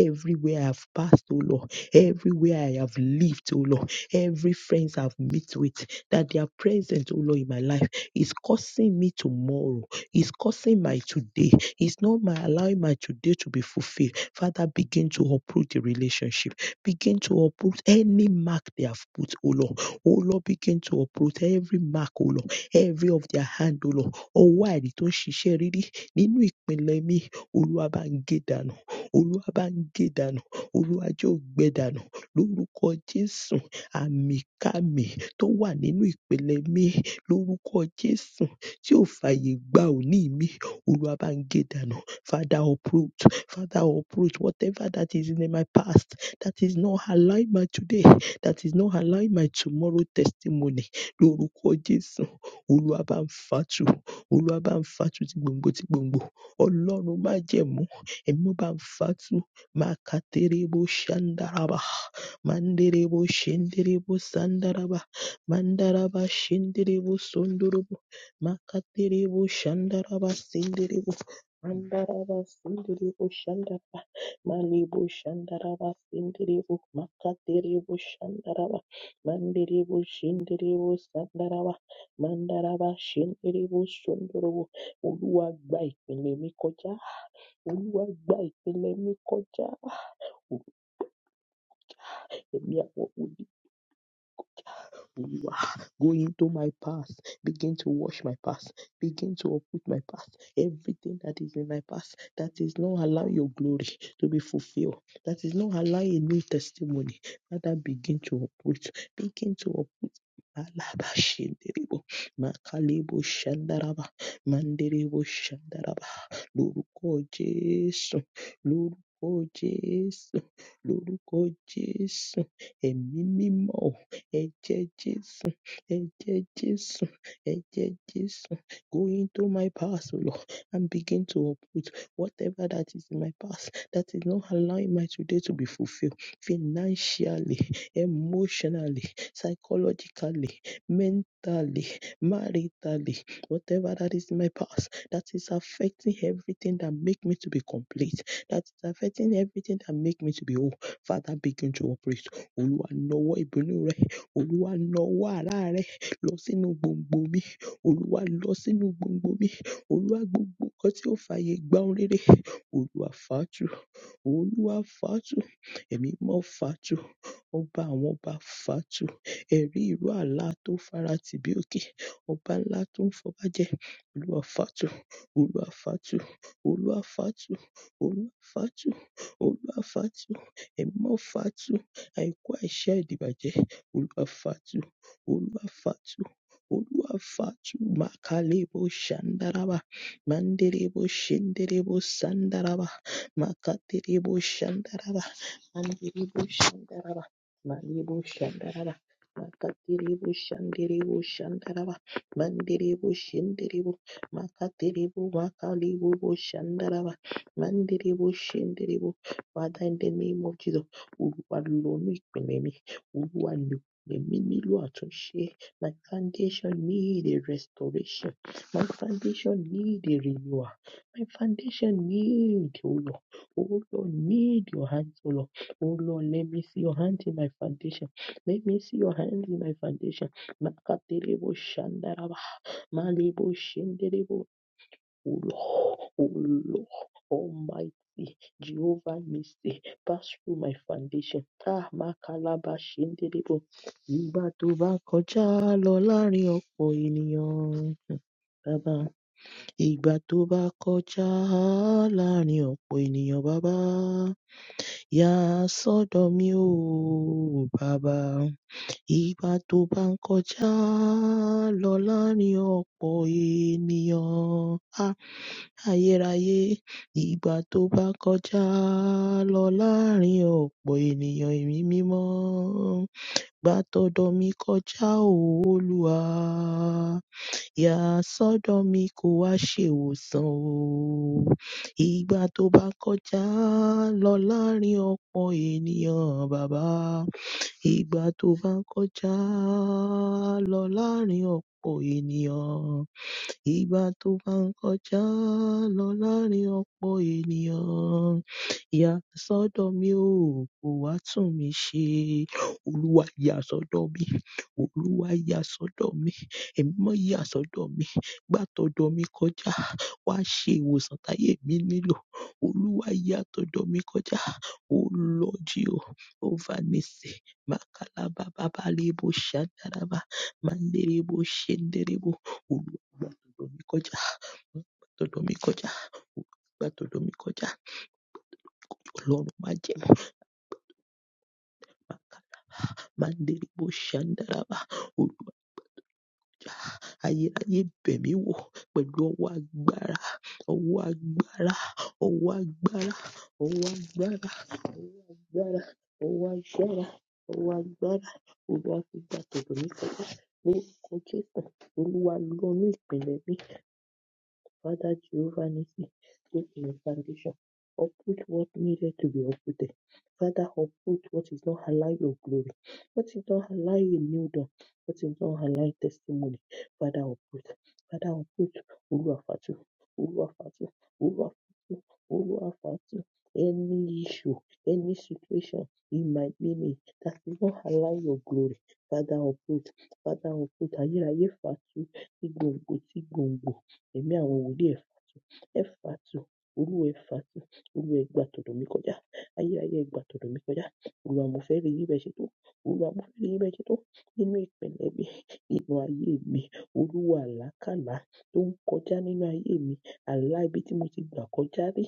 Speaker 1: Everywhere I've passed, O Lord, everywhere I have lived, O Lord, every friends I've met with, that they are present, O Lord, in my life is causing me tomorrow, is causing my today, it's not my allowing my today to be fulfilled. Father, begin to uproot the relationship. Begin to uproot any mark they have put, oh Lord. Oh Lord, begin to uproot every mark, oh Lord. Every of their hand, oh Lord. Ọwọ́ àìrí tó ń ṣiṣẹ́ rírí nínú ìpínlẹ̀ mi, Olúwa bá ń gé dànù. Olúwa bá ń gé dànù. Olúwa jẹ́ ògbẹ dànù. Lórúkọ Jésù, àmìkámi tó wà nínú ìpínlẹ̀ mi, lórúkọ Jésù tí ò fàyè gba òní mi Olúwa bá ń gé dànù. Father, uproot. Father, uproot whatever that is in my past that is not allowing my today, that is not allowing my tomorrow testimony. Lórúkọ Jésù, Olúwa bá ń fàtú. Olúwa bá ń fàtú ti gbòǹgbò ti gbòǹgbò. Ọlọ́run má jẹ̀mú. Ẹ̀mí bá ń fàtú. Máa ka terebo ṣandaraba. Manderebo ṣenderebo sandaraba. Mandaraba ṣenderebo sondorobo. Makatiribo Shandaraba Sindiribo Mandaraba Sindiribo Shandaraba Malibu Shandaraba Sindiribo Makatiribo Shandaraba Mandiribo Shindiribo Sandaraba Mandaraba Shindiribo Sundurubo Olúwa gba ìpìlẹ̀ mi kọjá Olúwa gba ìpìlẹ̀ mi kọjá èmi àwọn òbí who You are going to my past. Begin to wash my past. Begin to uproot my past. Everything that is in my past that is not allowing your glory to be fulfilled. That is not allowing a new testimony. Father, begin to uproot. Begin to uproot. Alabashinderebo, makalebo shandaraba, manderebo shandaraba. Lórúkọ Jésù, lórúkọ Jésù, lórúkọ Jésù, ẹ̀mí mímọ́ Ẹ̀jẹ̀ Jésù, ẹ̀jẹ̀ Jésù, ẹ̀jẹ̀ Jésù. Go into my past, O Lord, and begin to uproot whatever that is in my past that is not allowing my today to be fulfilled financially, emotionally, psychologically, mentally, maritally, whatever that is in my past that is affecting everything that make me to be complete, that is affecting everything that make me to be whole. Father, begin to operate. Olúwa, nawọ́ ìbínú rẹ Olúwa na ọwọ́ àrá rẹ lọ sínú gbòǹgbò mi. Olúwa lọ sínú gbòǹgbò mi. Olúwa gbogbo nǹkan tí ó fààyè gba ohun rere. Olúwa fàá tú olúwa Fatu, ẹ̀mí mímọ́ fàátù ọba àwọn ọba Fatu, ẹ̀rí ìró àlá tó fara tì bí òkè ọba ńlá tó ń fọba jẹ olúwa Fatu, olúwa Fatu, olúwa Fatu, olúwa Fatu, olúwa Fatu, ẹ̀mí mímọ́ fàátù àìkú àìṣe ìdìbàjẹ́ olúwa Fatu, olúwa Fatu, olúwa Fatu, màkàlẹ́ bó ṣàǹdàràbà mándèrè bó ṣèǹdèrè bó ṣàǹdàràbà. Makatiribo Shandaraba, Mandiribo Shandaraba, Mandiribo Shandaraba, Makatiribo Shandiribo Shandaraba, Mandiribo Shindiribo, Makatiribo Makalibo Shandaraba, Mandiribo Shindiribo. Father, in the name of Jesus, Olúwa lónú ìpìlẹ̀ mi, Olúwa lò èmi nílò àtúnṣe. My foundation need a restoration. My foundation need a renewal. My foundation need, oh Oh Lord, need your hands, oh Lord. Oh Lord, let me see your hands in my foundation. Let me see your hands in my foundation. Makaterebo shandaraba, malebo shenderebo. Oh Lord, oh Lord, Almighty Jehovah Misty, pass through my foundation. Ah, makalaba shenderebo. Ìgbà tó bá kọjá lọ láàrin ọ̀pọ̀ ènìyàn, Bàbá. Ìgbà tó bá kọjá láàrin ọ̀pọ̀ ènìyàn, Bàbá. Yà sọ́dọ̀ mi o bàbá. Ìgbà tó bá ń kọjá lọ láàrin ọ̀pọ̀ ènìyàn. Ah, ayérayé. Ìgbà tó bá ń kọjá lọ láàrin ọ̀pọ̀ ènìyàn èmi mímọ́. Gba tọ̀dọ̀ mi kọjá o Olúwa. Yà sọ́dọ̀ kó wá ṣèwòsàn o. Ìgbà tó bá kọjá lọ láàrin ọ̀pọ̀ ènìyàn bàbá. Ìgbà tó bá kọjá lọ láàrin ọ̀pọ̀ ènìyàn. Ìgbà tó bá ń kọjá lọ láàárín ọ̀pọ̀ ènìyàn, yà sọ́dọ̀ mi o, kò wá tún mi ṣe. Olúwa yà sọ́dọ̀ mi, Olúwa yà sọ́dọ̀ mi, ẹ̀mí mọ́ yà sọ́dọ̀ mi, gbà tọ̀dọ̀ mi kọjá, wá ṣe ìwòsàn táyé mi nílò. Olúwa yà tọ̀dọ̀ mi kọjá, O Lord Jeo, over Nisi, Makalaba Babalebo Shandaraba, Manderebo Shenderebo, Olúwa mikoja gbàdọ̀dọ̀ mi kọjá gbàdọ̀dọ̀ mi kọjá ọlọ́run má jẹ́ màmá ká má ń dérí bó ṣàǹdàràbà olú ayérayé bẹ̀ mí wò pẹ̀lú ọwọ́ agbára ọwọ́ agbára ọwọ́ agbára ọwọ́ agbára ọwọ́ agbára ọwọ́ agbára ọwọ́ agbára olúwa fi gbàdọ̀dọ̀ mi kọjá ní orúkọ jésù olúwa lọ inú ìpìlẹ̀ mi Father Giovanni, put in the foundation, uproot what needed to be uprooted. Father, uproot what is not align your glory, what is not align your new dawn, what is not align testimony. Father, uproot. Father, uproot. Oluwafatu, Oluwafatu, Oluwafatu, Oluwafatu. Any issue, any situation in my name that is not align your glory. Father, uproot. Father, uproot. Ayérayé fatu, igbòǹgbò tí gbòǹgbò. Ẹ̀mí àwọn wòlíì ẹ ẹ fàtu. Olúwa ẹ fàtu. Olúwa ẹ gbà tọ̀dọ̀ mi kọjá. Ayérayé ẹ gbà tọ̀dọ̀ mi kọjá. Olúwa mo fẹ́ rí yín bẹ́ẹ̀ ṣe tó. Olúwa mo fẹ́ rí yín bẹ́ẹ̀ ṣe tó. Nínú ìpẹ̀lẹ́ mi, nínú ayé mi, Olúwa àlákàlà tó ń kọjá nínú ayé mi. Àlá ibi tí mo ti gbà kọjá rí.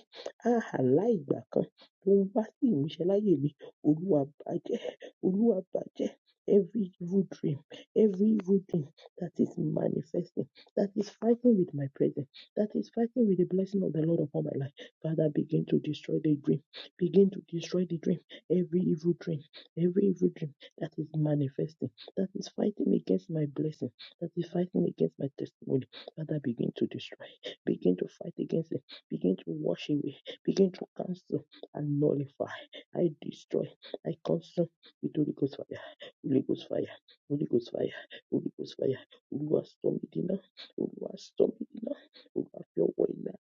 Speaker 1: Ah! Àlá ìgbà kan tó ń wá sí ìmúṣẹ láyé mi. Olúwa bàjẹ́. Olúwa bàjẹ́. Every evil dream, every evil dream that is manifesting, that is fighting with my presence that is fighting with the blessing of the Lord upon my life. Father, begin to destroy the dream. Begin to destroy the dream. Every evil dream, every evil dream that is manifesting, that is fighting against my blessing, that is fighting against my testimony. Father, begin to destroy. Begin to fight against it. Begin to wash away. Begin to cancel and nullify. I destroy. I consume with Holy Ghost fire. Holy Ghost fire. Holy Ghost fire. Holy Ghost fire. Oluwa storm it now. Oluwa storm it now who have your way now.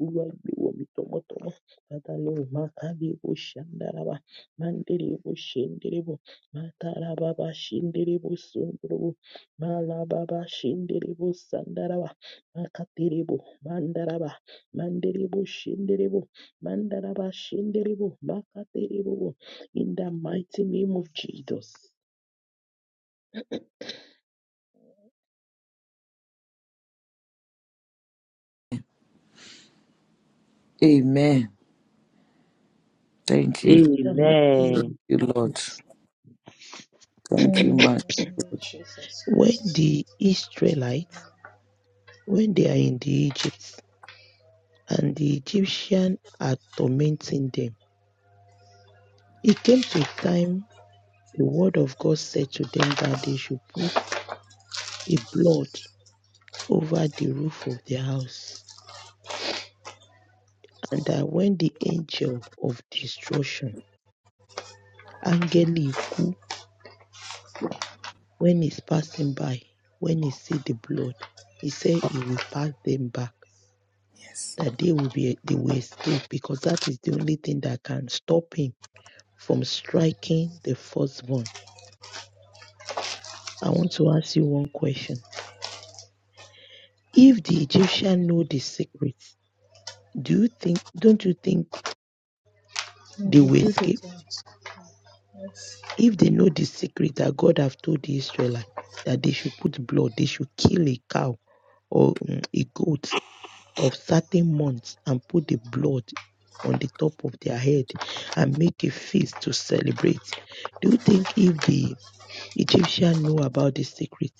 Speaker 1: Lord, we will be tomo tomo. Father, makali bo shandaraba, mandiri bo shindiri bo, matara baba shindiri bo sunduru bo, mala baba shindiri bo sandaraba, makatiri bo mandaraba, mandiri bo shindiri bo, mandaraba shindiri bo, makatiri bo. In the mighty name of Jesus.
Speaker 3: Amen. Thank you,
Speaker 1: In the mighty
Speaker 2: Amen.
Speaker 1: name
Speaker 3: you
Speaker 1: of
Speaker 3: Lord.
Speaker 1: Jesus.
Speaker 3: Thank you,
Speaker 4: Amen.
Speaker 3: man.
Speaker 4: Hallelujah, Jesus
Speaker 1: When
Speaker 4: Christ.
Speaker 1: the Israelites when they are in the Egypt and the Egyptians are tormenting them. It came to a time the word of God said to them that they should put a blood over the roof of their house, and that when the angel of destruction, angel Iku, when he's passing by, when he see the blood, he said he will pass them back,
Speaker 3: Yes.
Speaker 1: that they will be they will escape because that is the only thing that can stop him from striking the firstborn I want to ask you one question. If the Egyptian know the secrets, do you think don't you think
Speaker 4: We will
Speaker 1: they will
Speaker 4: do the
Speaker 1: escape?
Speaker 4: things. Yes.
Speaker 1: If they know the secret that God have told the Israelites that they should put blood, they should kill a cow or mm, a goat of certain months and put the blood on the top of their head and make a feast to celebrate. Do you think if the Egyptian know about the secret,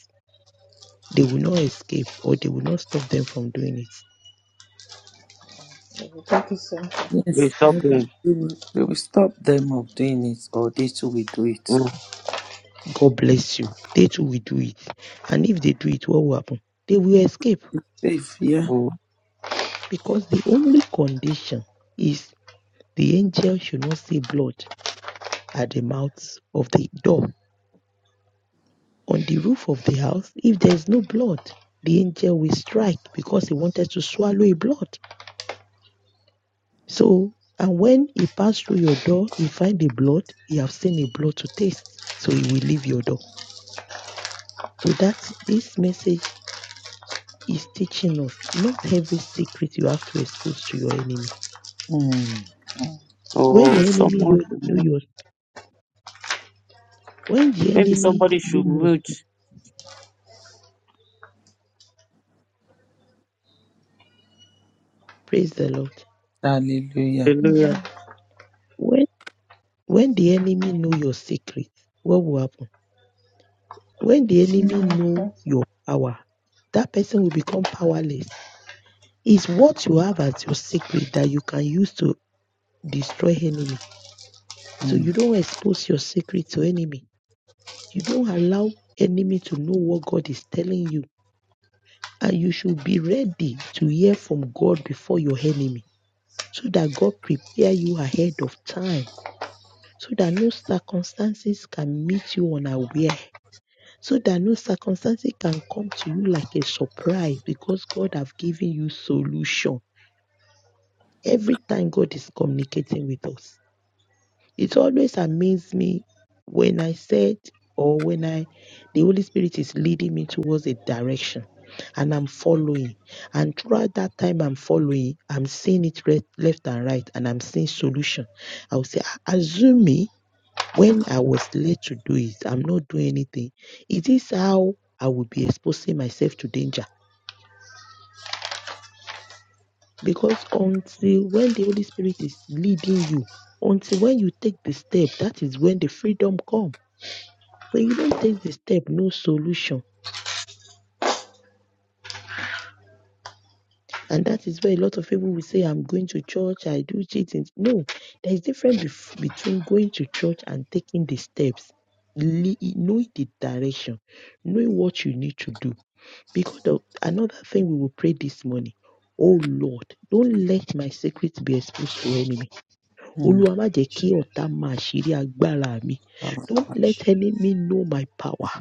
Speaker 1: they will not escape or they will not stop them from doing it?
Speaker 4: We will do the same.
Speaker 2: We
Speaker 3: Yes, they
Speaker 2: stop
Speaker 3: will,
Speaker 2: there.
Speaker 3: they will, they will stop them of doing it, or they too will do it.
Speaker 2: Mm,
Speaker 1: God bless you. They too will do it. And if they do it, what will happen? They will escape
Speaker 3: Safe, yeah.
Speaker 2: mm.
Speaker 1: because the only condition is the angel should not see blood at the mouth of the door. On the roof of the house, if there is no blood, the angel will strike because he wanted to swallow a blood. So, and when he passed through your door, he find the blood, he have seen a blood to taste. So he will leave your door. So that this message is teaching us not every secret you have to expose to your enemy.
Speaker 3: Mm.
Speaker 1: When
Speaker 2: Oh,
Speaker 1: your enemy
Speaker 2: someone,
Speaker 1: you
Speaker 2: should
Speaker 1: know
Speaker 2: mute.
Speaker 1: yours, when the
Speaker 2: maybe
Speaker 1: enemy
Speaker 2: somebody should
Speaker 1: knows,
Speaker 2: mute.
Speaker 1: praise the Lord.
Speaker 3: Hallelujah.
Speaker 2: Hallelujah.
Speaker 4: Amen.
Speaker 1: When when the enemy know your secret, what will happen? When the enemy
Speaker 4: Amen.
Speaker 1: know
Speaker 4: Thank
Speaker 1: your power, that person will become powerless. It's what you have as your secret that you can use to destroy enemy. So you
Speaker 3: Mm.
Speaker 1: don't expose your secret to enemy. You don't allow enemy to know what God is telling you And you should be ready to hear from God before your enemy so that God prepare you ahead of time so that no circumstances can meet you unaware so that no circumstances can come to you like a surprise because God have given you solution. Every time God is communicating with us. It always amazed me when I said or when I the Holy Spirit is leading me towards a direction and I'm following. And throughout that time I'm following, I'm seeing it re- left and right and I'm seeing solution. I would say, "Ah, Azumi, when I was led to do it, I'm not doing anything. Is this how I would be exposing myself to danger? Because until when the Holy Spirit is leading you, until when you take the step, that is when the freedom comes But you don't take the step, no solution. And that is where a lot of people will say, I'm going to church, I do cheating. No, there is difference bef- between going to church and taking the steps. Le- knowing the direction, knowing what you need to do. Because of another thing we will pray this morning. Oh Lord, don't let my secret be exposed to enemy.
Speaker 3: Mm.
Speaker 1: Olúwa má jẹ́ kí ọ̀tá mọ àṣírí agbára mi.
Speaker 3: Father,
Speaker 1: Don't
Speaker 3: I
Speaker 1: let enemy know my power.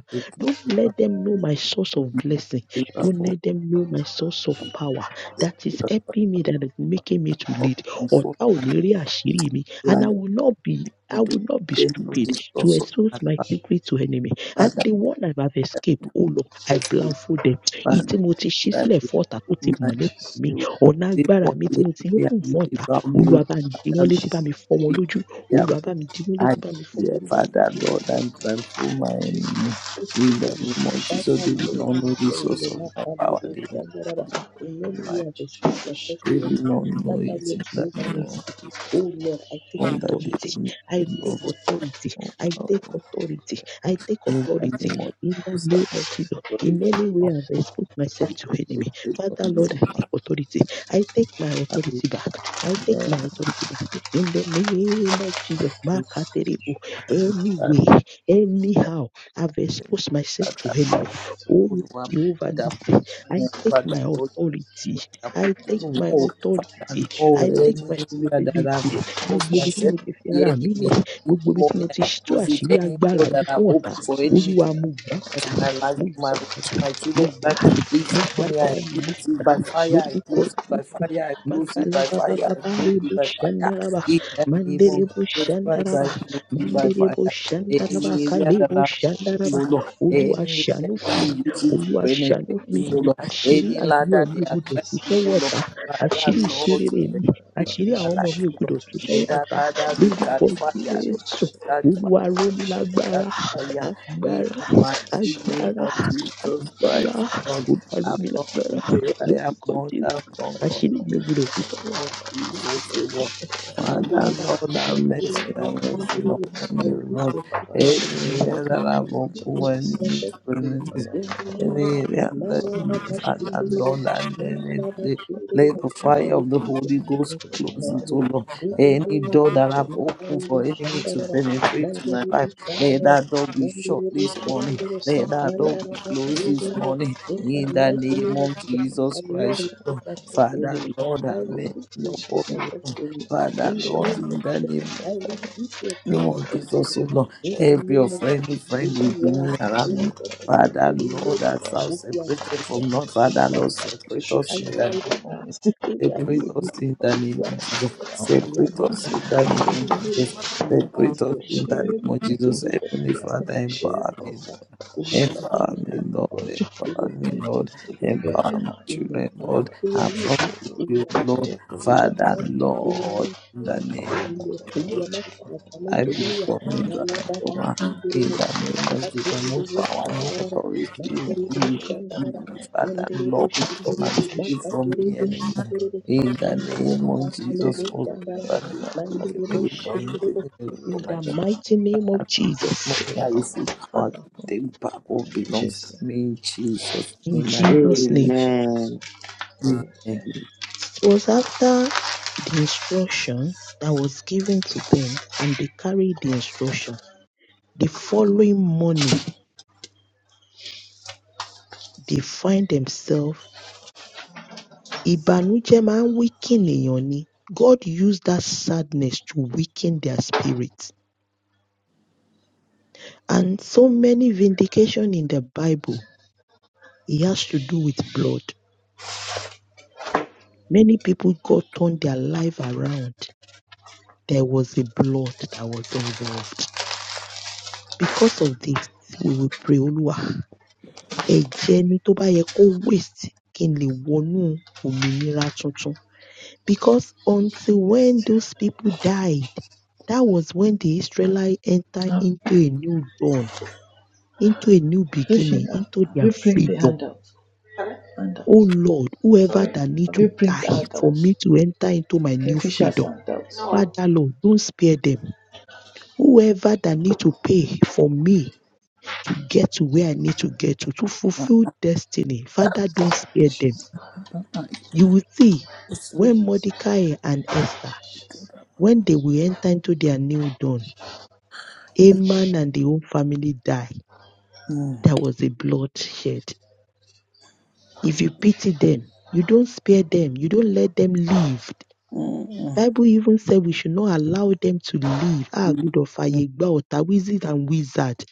Speaker 1: Don't let them know my source of blessing. Don't let
Speaker 3: thank you
Speaker 1: them know my source
Speaker 3: for my
Speaker 1: of
Speaker 3: favor, for my
Speaker 1: power. That is
Speaker 3: favor, for my
Speaker 1: helping me, that is making me to
Speaker 3: help,
Speaker 1: lead.
Speaker 3: and for
Speaker 1: Ọ̀tá ò
Speaker 3: my
Speaker 1: ní rí àṣírí mi and I
Speaker 3: life.
Speaker 1: will not be
Speaker 3: We
Speaker 1: I
Speaker 3: do
Speaker 1: will not be
Speaker 3: them know
Speaker 1: stupid
Speaker 3: the
Speaker 1: to
Speaker 3: source
Speaker 1: expose
Speaker 3: my
Speaker 1: my
Speaker 3: power.
Speaker 1: secret to enemy. And
Speaker 3: Father.
Speaker 1: the one I have escaped,
Speaker 3: I
Speaker 1: oh Lord, I
Speaker 3: thank you,
Speaker 1: blindfold them. Èyí tí
Speaker 3: Father,
Speaker 1: mo ti ṣí
Speaker 3: that
Speaker 1: sílẹ̀
Speaker 3: you
Speaker 1: fún ọ̀tá tó
Speaker 3: put
Speaker 1: ti
Speaker 3: my
Speaker 1: mọ̀ nípa mi,
Speaker 3: you.
Speaker 1: ọ̀nà
Speaker 3: They
Speaker 1: agbára
Speaker 3: want
Speaker 1: mi tí
Speaker 3: the
Speaker 1: mo ti open
Speaker 3: enemy
Speaker 1: fún ọ̀tá,
Speaker 3: and about me.
Speaker 1: olúwa bá mi dí wọn
Speaker 3: Father,
Speaker 1: létí bá mi fọ́ wọn lójú
Speaker 3: Yeah,
Speaker 1: olúwa bá mi dí wọn
Speaker 3: I
Speaker 1: létí bá mi fọ́ wọn
Speaker 3: dear
Speaker 1: lójú
Speaker 3: Father, Lord, I'm thankful my enemy. In the name of Jesus, they will not know the source of my power. They will not know the source
Speaker 1: in
Speaker 3: of
Speaker 1: any
Speaker 3: my.
Speaker 1: way I've exposed myself to
Speaker 3: They will
Speaker 1: enemy.
Speaker 3: not know
Speaker 1: Father
Speaker 3: it
Speaker 1: Lord
Speaker 3: in the
Speaker 1: Jehovah
Speaker 3: name of
Speaker 1: Nissi. Oh Lord, I take
Speaker 3: on that day.
Speaker 1: authority.
Speaker 3: They will
Speaker 1: I
Speaker 3: not
Speaker 1: take
Speaker 3: know
Speaker 1: authority.
Speaker 3: my
Speaker 1: I take
Speaker 3: power.
Speaker 1: authority. I take
Speaker 3: In the
Speaker 1: authority
Speaker 3: name of
Speaker 1: in the
Speaker 3: Jesus, I
Speaker 1: name of Jesus.
Speaker 3: pray.
Speaker 1: In any way
Speaker 3: Of
Speaker 1: I've exposed
Speaker 3: the
Speaker 1: myself to
Speaker 3: Lord,
Speaker 1: enemy.
Speaker 3: they will
Speaker 1: Father
Speaker 3: not know my power. In the name of
Speaker 1: Lord,
Speaker 3: Jesus,
Speaker 1: I take authority. I take my authority
Speaker 3: I
Speaker 1: back. I take my
Speaker 3: pray.
Speaker 1: authority back in the name of Jesus. Makaterebo. Anyway. Anyhow, I've exposed myself to
Speaker 3: Father, Lord,
Speaker 1: enemy. Oh
Speaker 3: good one,
Speaker 1: Jehovah Nissi, I take my
Speaker 3: that
Speaker 1: authority.
Speaker 3: I
Speaker 1: I
Speaker 3: put
Speaker 1: take
Speaker 4: you.
Speaker 3: no
Speaker 1: my
Speaker 3: more, Father,
Speaker 1: authority.
Speaker 3: Lord,
Speaker 1: I
Speaker 4: Children
Speaker 1: take
Speaker 4: to do
Speaker 1: my
Speaker 3: any area
Speaker 4: it.
Speaker 3: that
Speaker 1: stability.
Speaker 3: I've
Speaker 4: To
Speaker 3: exposed
Speaker 1: Gbogbo ibi tí
Speaker 4: share.
Speaker 3: myself
Speaker 1: mo ti
Speaker 4: To
Speaker 1: fi
Speaker 3: to the
Speaker 1: ara mi
Speaker 3: enemy.
Speaker 1: lẹ̀,
Speaker 3: This
Speaker 1: gbogbo ibi tí mo
Speaker 3: morning
Speaker 1: ti
Speaker 3: I
Speaker 1: tú
Speaker 3: close it.
Speaker 4: share.
Speaker 1: àṣírí
Speaker 3: Any
Speaker 1: agbára
Speaker 3: door
Speaker 1: mi
Speaker 3: that
Speaker 1: fún
Speaker 3: I've
Speaker 1: ọ̀tá,
Speaker 4: to
Speaker 3: opened for
Speaker 4: share. To
Speaker 3: enemy
Speaker 1: Olúwa
Speaker 4: share.
Speaker 1: mo gbà padà,
Speaker 3: to my life,
Speaker 1: mo
Speaker 3: to my
Speaker 1: gbà
Speaker 3: home, to
Speaker 1: padà,
Speaker 3: my
Speaker 1: mo
Speaker 3: children's
Speaker 1: gbà,
Speaker 3: life.
Speaker 1: mo
Speaker 3: This
Speaker 1: gbà
Speaker 3: morning I
Speaker 1: agbára mi
Speaker 3: close it
Speaker 1: padà
Speaker 3: by fire, I
Speaker 1: lórúkọ
Speaker 3: close it by fire, I close it by fire, I close
Speaker 1: Makalabababari
Speaker 3: it by fire.
Speaker 1: Bushandaraba,
Speaker 3: In the name
Speaker 1: Mandiri
Speaker 3: of Jesus Christ,
Speaker 4: To
Speaker 1: Bushandaraba,
Speaker 3: I
Speaker 4: share.
Speaker 3: close it by
Speaker 1: Mandiri
Speaker 3: fire.
Speaker 4: We go to
Speaker 1: Bushandaraba,
Speaker 3: Any
Speaker 4: sin.
Speaker 3: area
Speaker 1: Kali
Speaker 4: We
Speaker 3: that
Speaker 4: go
Speaker 3: I
Speaker 4: to
Speaker 3: no
Speaker 1: Bushandaraba,
Speaker 4: sin.
Speaker 3: Lord,
Speaker 4: We go to sin. We go
Speaker 3: any
Speaker 4: to
Speaker 1: Uluashanu for
Speaker 3: enemy
Speaker 1: me,
Speaker 3: uses to
Speaker 1: Uluashanu
Speaker 3: penetrate
Speaker 1: for
Speaker 3: to
Speaker 1: me,
Speaker 3: no Lord,
Speaker 4: sin.
Speaker 1: Ashiri
Speaker 3: any
Speaker 4: We
Speaker 1: Agbo
Speaker 3: ladder
Speaker 4: go
Speaker 3: they
Speaker 1: mi
Speaker 3: are
Speaker 1: gudo
Speaker 3: trying
Speaker 4: to
Speaker 1: tu
Speaker 4: sin.
Speaker 3: to no Lord,
Speaker 1: sọ́wọ́ta,
Speaker 3: Father
Speaker 1: Ashiri
Speaker 4: Thank
Speaker 3: Lord to
Speaker 1: Shirire mi,
Speaker 3: penetrate to
Speaker 1: Ashiri
Speaker 3: my
Speaker 1: àwọn ọmọ
Speaker 3: life,
Speaker 1: mi ò
Speaker 3: no
Speaker 1: gudo
Speaker 3: Lord.
Speaker 1: tu
Speaker 3: Let that
Speaker 1: sọ́wọ́ta,
Speaker 3: ladder be
Speaker 1: lórúkọ
Speaker 3: cut fire, let it
Speaker 1: Jésù,
Speaker 3: catch fire
Speaker 1: Olúwa rọ̀ mí
Speaker 3: fire
Speaker 1: lágbára,
Speaker 3: in
Speaker 1: agbára,
Speaker 3: the mighty name
Speaker 1: agbára,
Speaker 3: of Jesus
Speaker 1: agbára,
Speaker 3: Christ, Lord.
Speaker 1: Olúwa rọ̀
Speaker 3: I
Speaker 1: mí
Speaker 3: from
Speaker 1: lágbára,
Speaker 3: today I am
Speaker 1: lórúkọ
Speaker 3: more
Speaker 1: Jésù.
Speaker 3: than conqueror
Speaker 1: Ashiri meguru
Speaker 3: of
Speaker 1: tusoota.
Speaker 3: Jesus, O Lord.
Speaker 1: Now,
Speaker 3: Father,
Speaker 1: Father,
Speaker 3: Lord, have
Speaker 1: let me
Speaker 3: mercy,
Speaker 1: be
Speaker 3: have mercy
Speaker 1: free.
Speaker 3: upon
Speaker 1: I
Speaker 3: me,
Speaker 1: refuse
Speaker 3: Lord.
Speaker 1: to escape
Speaker 3: Any
Speaker 1: myself to you.
Speaker 3: area that
Speaker 1: I
Speaker 3: I've opened
Speaker 1: refuse to escape
Speaker 3: when enemy
Speaker 1: myself
Speaker 3: to
Speaker 1: to you.
Speaker 3: benefit,
Speaker 1: In the name of
Speaker 3: any
Speaker 1: Jesus,
Speaker 3: area that,
Speaker 1: Malababa
Speaker 3: Father,
Speaker 1: Shinduru,
Speaker 3: Lord, and let,
Speaker 1: Mandaraba
Speaker 3: let,
Speaker 1: Shinduru,
Speaker 3: let the
Speaker 1: I
Speaker 3: fire of the
Speaker 1: refuse to
Speaker 3: Holy
Speaker 1: escape
Speaker 3: Ghost
Speaker 1: myself to my
Speaker 3: close it, oh
Speaker 1: enemy.
Speaker 3: Lord.
Speaker 1: In the
Speaker 3: Any
Speaker 1: name of
Speaker 3: door that
Speaker 1: Jesus,
Speaker 3: I've opened
Speaker 1: Makaru
Speaker 3: for enemy to
Speaker 1: Shandaraba,
Speaker 3: penetrate to my
Speaker 1: Mandiru
Speaker 3: life, let
Speaker 1: Shandaraba,
Speaker 3: that door be shut
Speaker 1: Mandiru
Speaker 3: this morning.
Speaker 1: Shandaraba,
Speaker 3: Let that door be
Speaker 1: Mandaraba
Speaker 3: closed this
Speaker 1: Shinduru,
Speaker 3: morning.
Speaker 1: in the
Speaker 3: In the
Speaker 1: mighty
Speaker 3: name
Speaker 1: name of
Speaker 3: of
Speaker 1: Jesus. I
Speaker 3: Jesus
Speaker 1: will not
Speaker 3: Christ, O Lord.
Speaker 1: restrict myself to
Speaker 3: Father,
Speaker 1: enemy.
Speaker 3: Lord,
Speaker 1: I
Speaker 3: have mercy
Speaker 1: refuse to
Speaker 3: upon
Speaker 1: expose
Speaker 3: me.
Speaker 1: myself
Speaker 3: O.
Speaker 1: to enemy.
Speaker 3: Father,
Speaker 1: In the
Speaker 3: Lord,
Speaker 1: name of
Speaker 3: in the
Speaker 1: Jesus,
Speaker 3: name
Speaker 1: I refuse to expose
Speaker 3: of
Speaker 1: myself to
Speaker 3: Jesus, O
Speaker 1: enemy.
Speaker 3: Lord,
Speaker 1: In the
Speaker 3: every
Speaker 1: name of Jesus,
Speaker 3: offending
Speaker 1: We
Speaker 3: friend within
Speaker 1: are
Speaker 3: me,
Speaker 1: in
Speaker 3: around
Speaker 4: you.
Speaker 3: me.
Speaker 1: the presence of
Speaker 3: Father,
Speaker 1: the
Speaker 3: Lord,
Speaker 1: Lord.
Speaker 3: as I'm
Speaker 1: We are
Speaker 3: separated
Speaker 4: Thank
Speaker 1: exalted.
Speaker 3: from Lord,
Speaker 1: We
Speaker 3: Father,
Speaker 1: are
Speaker 3: Lord, separate us in
Speaker 1: We We are yielding. We are exalted. Agbára
Speaker 3: the
Speaker 1: lórí
Speaker 3: Separate
Speaker 1: ayé mi.
Speaker 3: us in the name
Speaker 1: Olúwa
Speaker 3: of Jesus.
Speaker 1: the Àlá
Speaker 3: Separate us
Speaker 1: burúkú ò
Speaker 3: in the
Speaker 1: gbọdọ̀ ṣẹ́
Speaker 3: name
Speaker 1: mi
Speaker 3: of
Speaker 1: the
Speaker 3: Jesus.
Speaker 1: Ìmọ̀ta ò
Speaker 3: Separate us
Speaker 1: gbọdọ̀
Speaker 3: in
Speaker 1: ṣẹ́ mi
Speaker 3: the
Speaker 1: lórí.
Speaker 3: name of
Speaker 1: the
Speaker 3: Jesus. Heavenly
Speaker 1: Jésù,
Speaker 3: Father,
Speaker 1: ẹ̀rọ
Speaker 3: empower
Speaker 1: tí
Speaker 3: me,
Speaker 1: ọ̀gá.
Speaker 3: Lord.
Speaker 1: Olúwa bàjẹ́.
Speaker 3: Empower me,
Speaker 1: Olúwa
Speaker 3: Lord.
Speaker 1: bàjẹ́. Olúwa
Speaker 3: Empower me,
Speaker 1: bàjẹ́.
Speaker 3: Lord.
Speaker 1: Olúwa
Speaker 3: Empower
Speaker 1: bàjẹ́
Speaker 3: my children,
Speaker 1: ìmọ̀ta
Speaker 3: Lord.
Speaker 1: lórí
Speaker 3: I
Speaker 1: ayé
Speaker 3: promise
Speaker 1: mi,
Speaker 3: you,
Speaker 1: Olúwa sáré,
Speaker 3: Lord.
Speaker 1: Olúwa
Speaker 3: Father,
Speaker 1: sáré, Olúwa
Speaker 3: Lord. In
Speaker 1: ẹ̀ṣẹ́,
Speaker 3: the name
Speaker 1: Olúwa Olúwa má fara pamọ́
Speaker 3: I
Speaker 1: jẹ mí níyà,
Speaker 3: become a
Speaker 1: má lábára
Speaker 3: transformer
Speaker 1: sí ìdúró
Speaker 3: in the
Speaker 1: má
Speaker 3: name
Speaker 1: ká
Speaker 3: of Jesus.
Speaker 1: tẹ́lẹ̀
Speaker 3: No
Speaker 1: lórí
Speaker 3: power, no
Speaker 1: ṣàǹdára,
Speaker 3: authority
Speaker 1: má
Speaker 3: will
Speaker 1: tẹ́lẹ̀
Speaker 3: do
Speaker 1: lórí
Speaker 3: with
Speaker 1: ṣàǹdára,
Speaker 4: you.
Speaker 3: you,
Speaker 1: má ń
Speaker 3: Father.
Speaker 1: dẹ́rẹ́ bó
Speaker 3: Lord, we
Speaker 1: ṣe ń
Speaker 3: come
Speaker 1: dẹ́rẹ́ bó,
Speaker 3: and
Speaker 1: má
Speaker 3: steal
Speaker 1: ká
Speaker 3: from
Speaker 1: tẹ́lẹ̀
Speaker 3: me
Speaker 1: bó ṣe ń
Speaker 3: anymore.
Speaker 1: dẹ́rẹ́ bó,
Speaker 3: In
Speaker 1: má
Speaker 3: the
Speaker 1: ń dára
Speaker 3: name
Speaker 1: bàbá
Speaker 3: of
Speaker 1: sálẹ̀
Speaker 3: Jesus,
Speaker 1: bó
Speaker 3: oh
Speaker 1: ṣàǹdára,
Speaker 3: Father,
Speaker 1: má ń
Speaker 3: taking
Speaker 1: dẹ́rẹ́ bó
Speaker 3: away
Speaker 1: ṣe ń
Speaker 3: from me,
Speaker 1: dẹ́rẹ́ bó.
Speaker 3: taking away
Speaker 1: In
Speaker 3: from my
Speaker 1: the
Speaker 3: children.
Speaker 1: mighty name of
Speaker 3: As
Speaker 1: Jesus,
Speaker 3: long as I receive power to take back what belongs to
Speaker 4: Jesus,
Speaker 3: me in Jesus'
Speaker 1: in
Speaker 3: name, I take
Speaker 1: Jesus' name.
Speaker 3: it.
Speaker 4: Jesus,
Speaker 2: Amen.
Speaker 4: Amen.
Speaker 3: Amen.
Speaker 1: It was after the instruction that was given to them and they carried the instruction. The following morning, they find themselves. Ìbànújẹ́ máa ń weaken èèyàn ni. God used that sadness to weaken their spirits, And so many vindication in the Bible, it has to do with blood. Many people, God turned their life around. There was a blood that was involved. Because of this, we will pray, Oluwa. ẹ̀jẹ̀ ni tó bá yẹ kó waste kí n lè wọnú òmìnira tuntun. Because until when those people died, that was when the Israelites entered
Speaker 4: Um,
Speaker 1: into a new dawn, into a new beginning,
Speaker 4: have
Speaker 1: into their
Speaker 4: you print the
Speaker 1: freedom.
Speaker 4: handouts? Pardon? Handout.
Speaker 1: Oh Lord, whoever
Speaker 4: Sorry.
Speaker 1: that need
Speaker 4: Have
Speaker 1: to
Speaker 4: you print
Speaker 1: die for
Speaker 4: handout?
Speaker 1: me to enter into my new
Speaker 4: Kingfisher's
Speaker 1: freedom,
Speaker 4: handout. No.
Speaker 1: Father Lord, don't spare them. Whoever that need to pay for me to get to where I need to get to, to fulfill destiny, Father, don't spare them.
Speaker 3: Father, I
Speaker 1: You will see
Speaker 3: just- so-
Speaker 1: when Mordecai and Esther, when they will enter into their new dawn, Haman and the whole family die.
Speaker 3: Mm,
Speaker 1: There was a bloodshed. If you pity them, you don't spare them, you don't let them live.
Speaker 3: mm,
Speaker 1: Bible even said we should not allow them to live. Ah,
Speaker 3: mm,
Speaker 1: good of
Speaker 3: mm,
Speaker 1: Ayegba, Ota, wizard and wizard.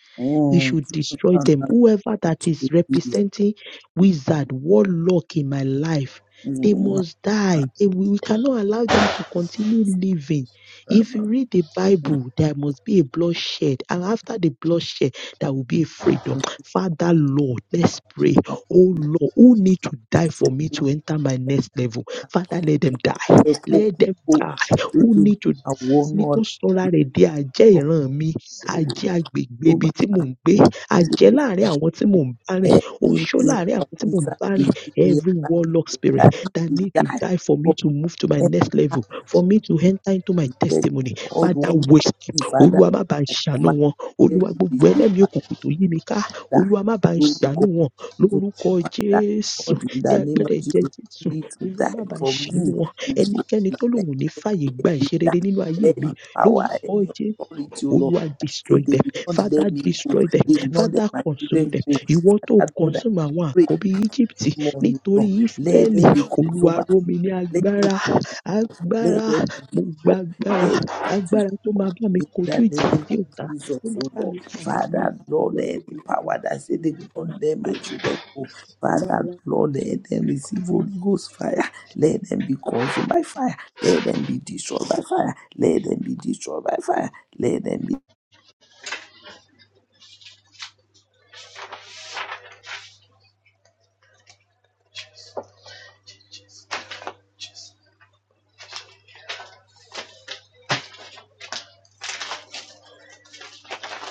Speaker 1: We
Speaker 3: mm.
Speaker 1: should destroy
Speaker 3: Father,
Speaker 1: them. Whoever that
Speaker 3: I
Speaker 1: is
Speaker 3: thank
Speaker 1: representing wizard, warlock in my life, they
Speaker 3: you.
Speaker 1: must die. They- we we cannot allow them to continue living.
Speaker 3: sọ
Speaker 1: If
Speaker 3: fún
Speaker 1: you read the Bible, there must be a bloodshed. And after the bloodshed, there will be a freedom. Father, Lord, let's pray. Oh, Lord, who need to die for me to enter my next level? Father, let them die.
Speaker 3: ẹ kó
Speaker 1: Let
Speaker 3: kún
Speaker 1: them die. Who need to
Speaker 3: àwọn
Speaker 1: ní tó
Speaker 3: ọ̀nà
Speaker 1: sọra rẹ̀ di àjẹ́ ìran mi
Speaker 3: ọ̀pẹ olùwà
Speaker 1: àjẹ́ agbègbè
Speaker 3: tó
Speaker 1: ibi
Speaker 3: bá
Speaker 1: tí mò ń gbé,
Speaker 3: kó
Speaker 1: àjẹ́
Speaker 3: gbogbo
Speaker 1: láàárín àwọn tí mò ń bá rìn,
Speaker 3: ẹ ní
Speaker 1: oṣó láàárín
Speaker 3: nípa
Speaker 1: àwọn tí mò ń
Speaker 3: nípa
Speaker 1: bá rìn.
Speaker 3: gbèsè ní
Speaker 1: Every
Speaker 3: àbáyọ
Speaker 1: warlock spirit
Speaker 3: ìdarí
Speaker 1: that need to
Speaker 3: ìdá
Speaker 1: die for me
Speaker 3: for
Speaker 1: to move to my next
Speaker 3: enter
Speaker 1: level, for me to enter into my
Speaker 3: and get
Speaker 1: testimony.
Speaker 3: God
Speaker 1: Father,
Speaker 3: one
Speaker 1: waste them.
Speaker 3: be father
Speaker 1: Olúwa má bá ń
Speaker 3: I
Speaker 1: ṣàánú
Speaker 3: command
Speaker 1: wọn.
Speaker 3: them
Speaker 1: Olúwa
Speaker 3: to be
Speaker 1: gbogbo
Speaker 3: safe
Speaker 1: ẹlẹ́mìí
Speaker 3: and
Speaker 1: òkùnkùn tó yí mi ká. Olúwa má bá ń
Speaker 3: die.
Speaker 1: ṣàánú wọn.
Speaker 3: to
Speaker 1: Lórúkọ
Speaker 3: Father
Speaker 1: Jésù,
Speaker 3: God in
Speaker 1: ní
Speaker 3: the name of
Speaker 1: agbẹ́rẹ́ ẹ̀jẹ̀
Speaker 3: Jesus. You
Speaker 1: Jésù,
Speaker 3: need to
Speaker 1: Olúwa má
Speaker 3: die
Speaker 1: bá ń
Speaker 3: for
Speaker 1: ṣàánú
Speaker 3: me.
Speaker 1: wọn.
Speaker 3: It's good.
Speaker 1: Ẹnikẹ́ni
Speaker 3: My
Speaker 1: tó lòun
Speaker 3: next
Speaker 1: ò ní fàyè
Speaker 3: step
Speaker 1: gba
Speaker 3: is that
Speaker 1: ìṣerere nínú ayé
Speaker 3: Any
Speaker 1: mi,
Speaker 3: power,
Speaker 1: lórúkọ
Speaker 3: any
Speaker 1: Jésù.
Speaker 3: authority, O Lord.
Speaker 1: Olúwa
Speaker 3: that say
Speaker 1: destroy
Speaker 3: They
Speaker 1: them.
Speaker 3: will not
Speaker 1: Father
Speaker 3: let me go.
Speaker 1: destroy them.
Speaker 3: They will not let
Speaker 1: Father
Speaker 3: my
Speaker 1: consume
Speaker 3: children
Speaker 1: them.
Speaker 3: go.
Speaker 1: Ìwọ tó
Speaker 3: Father God, I
Speaker 1: consume àwọn
Speaker 3: pray this
Speaker 1: àkọ́bí Egypt
Speaker 3: morning,
Speaker 1: nítorí
Speaker 3: Lord. Let
Speaker 1: Ísírẹ́lì.
Speaker 3: them be
Speaker 1: Olúwa
Speaker 3: consumed.
Speaker 1: ró mi ní
Speaker 3: Let them
Speaker 1: agbára.
Speaker 3: let
Speaker 1: Agbára.
Speaker 3: them be
Speaker 1: Mo gba
Speaker 3: destroyed.
Speaker 1: agbára.
Speaker 3: Let them be destroyed.
Speaker 1: Agbára tó máa bá mi
Speaker 3: In
Speaker 1: kojú
Speaker 3: the
Speaker 1: ìjà
Speaker 3: name
Speaker 1: sí
Speaker 3: of
Speaker 1: ọ̀tá.
Speaker 3: Jesus,
Speaker 1: Tó máa
Speaker 3: oh
Speaker 1: bá mi
Speaker 3: Lord.
Speaker 1: pàdé ní
Speaker 3: Father, Lord,
Speaker 1: Olúwa ró
Speaker 3: any
Speaker 1: mi ní
Speaker 3: power
Speaker 1: agbára.
Speaker 3: that
Speaker 1: Ró mi ní
Speaker 3: sitting
Speaker 1: agbára.
Speaker 3: on them, my
Speaker 1: Lórúkọ
Speaker 3: children, oh Father,
Speaker 1: Jésù.
Speaker 3: Lord, let them receive Holy Ghost fire. Let them be consumed by fire. Let them be destroyed by fire. Let them be destroyed by fire. Let them be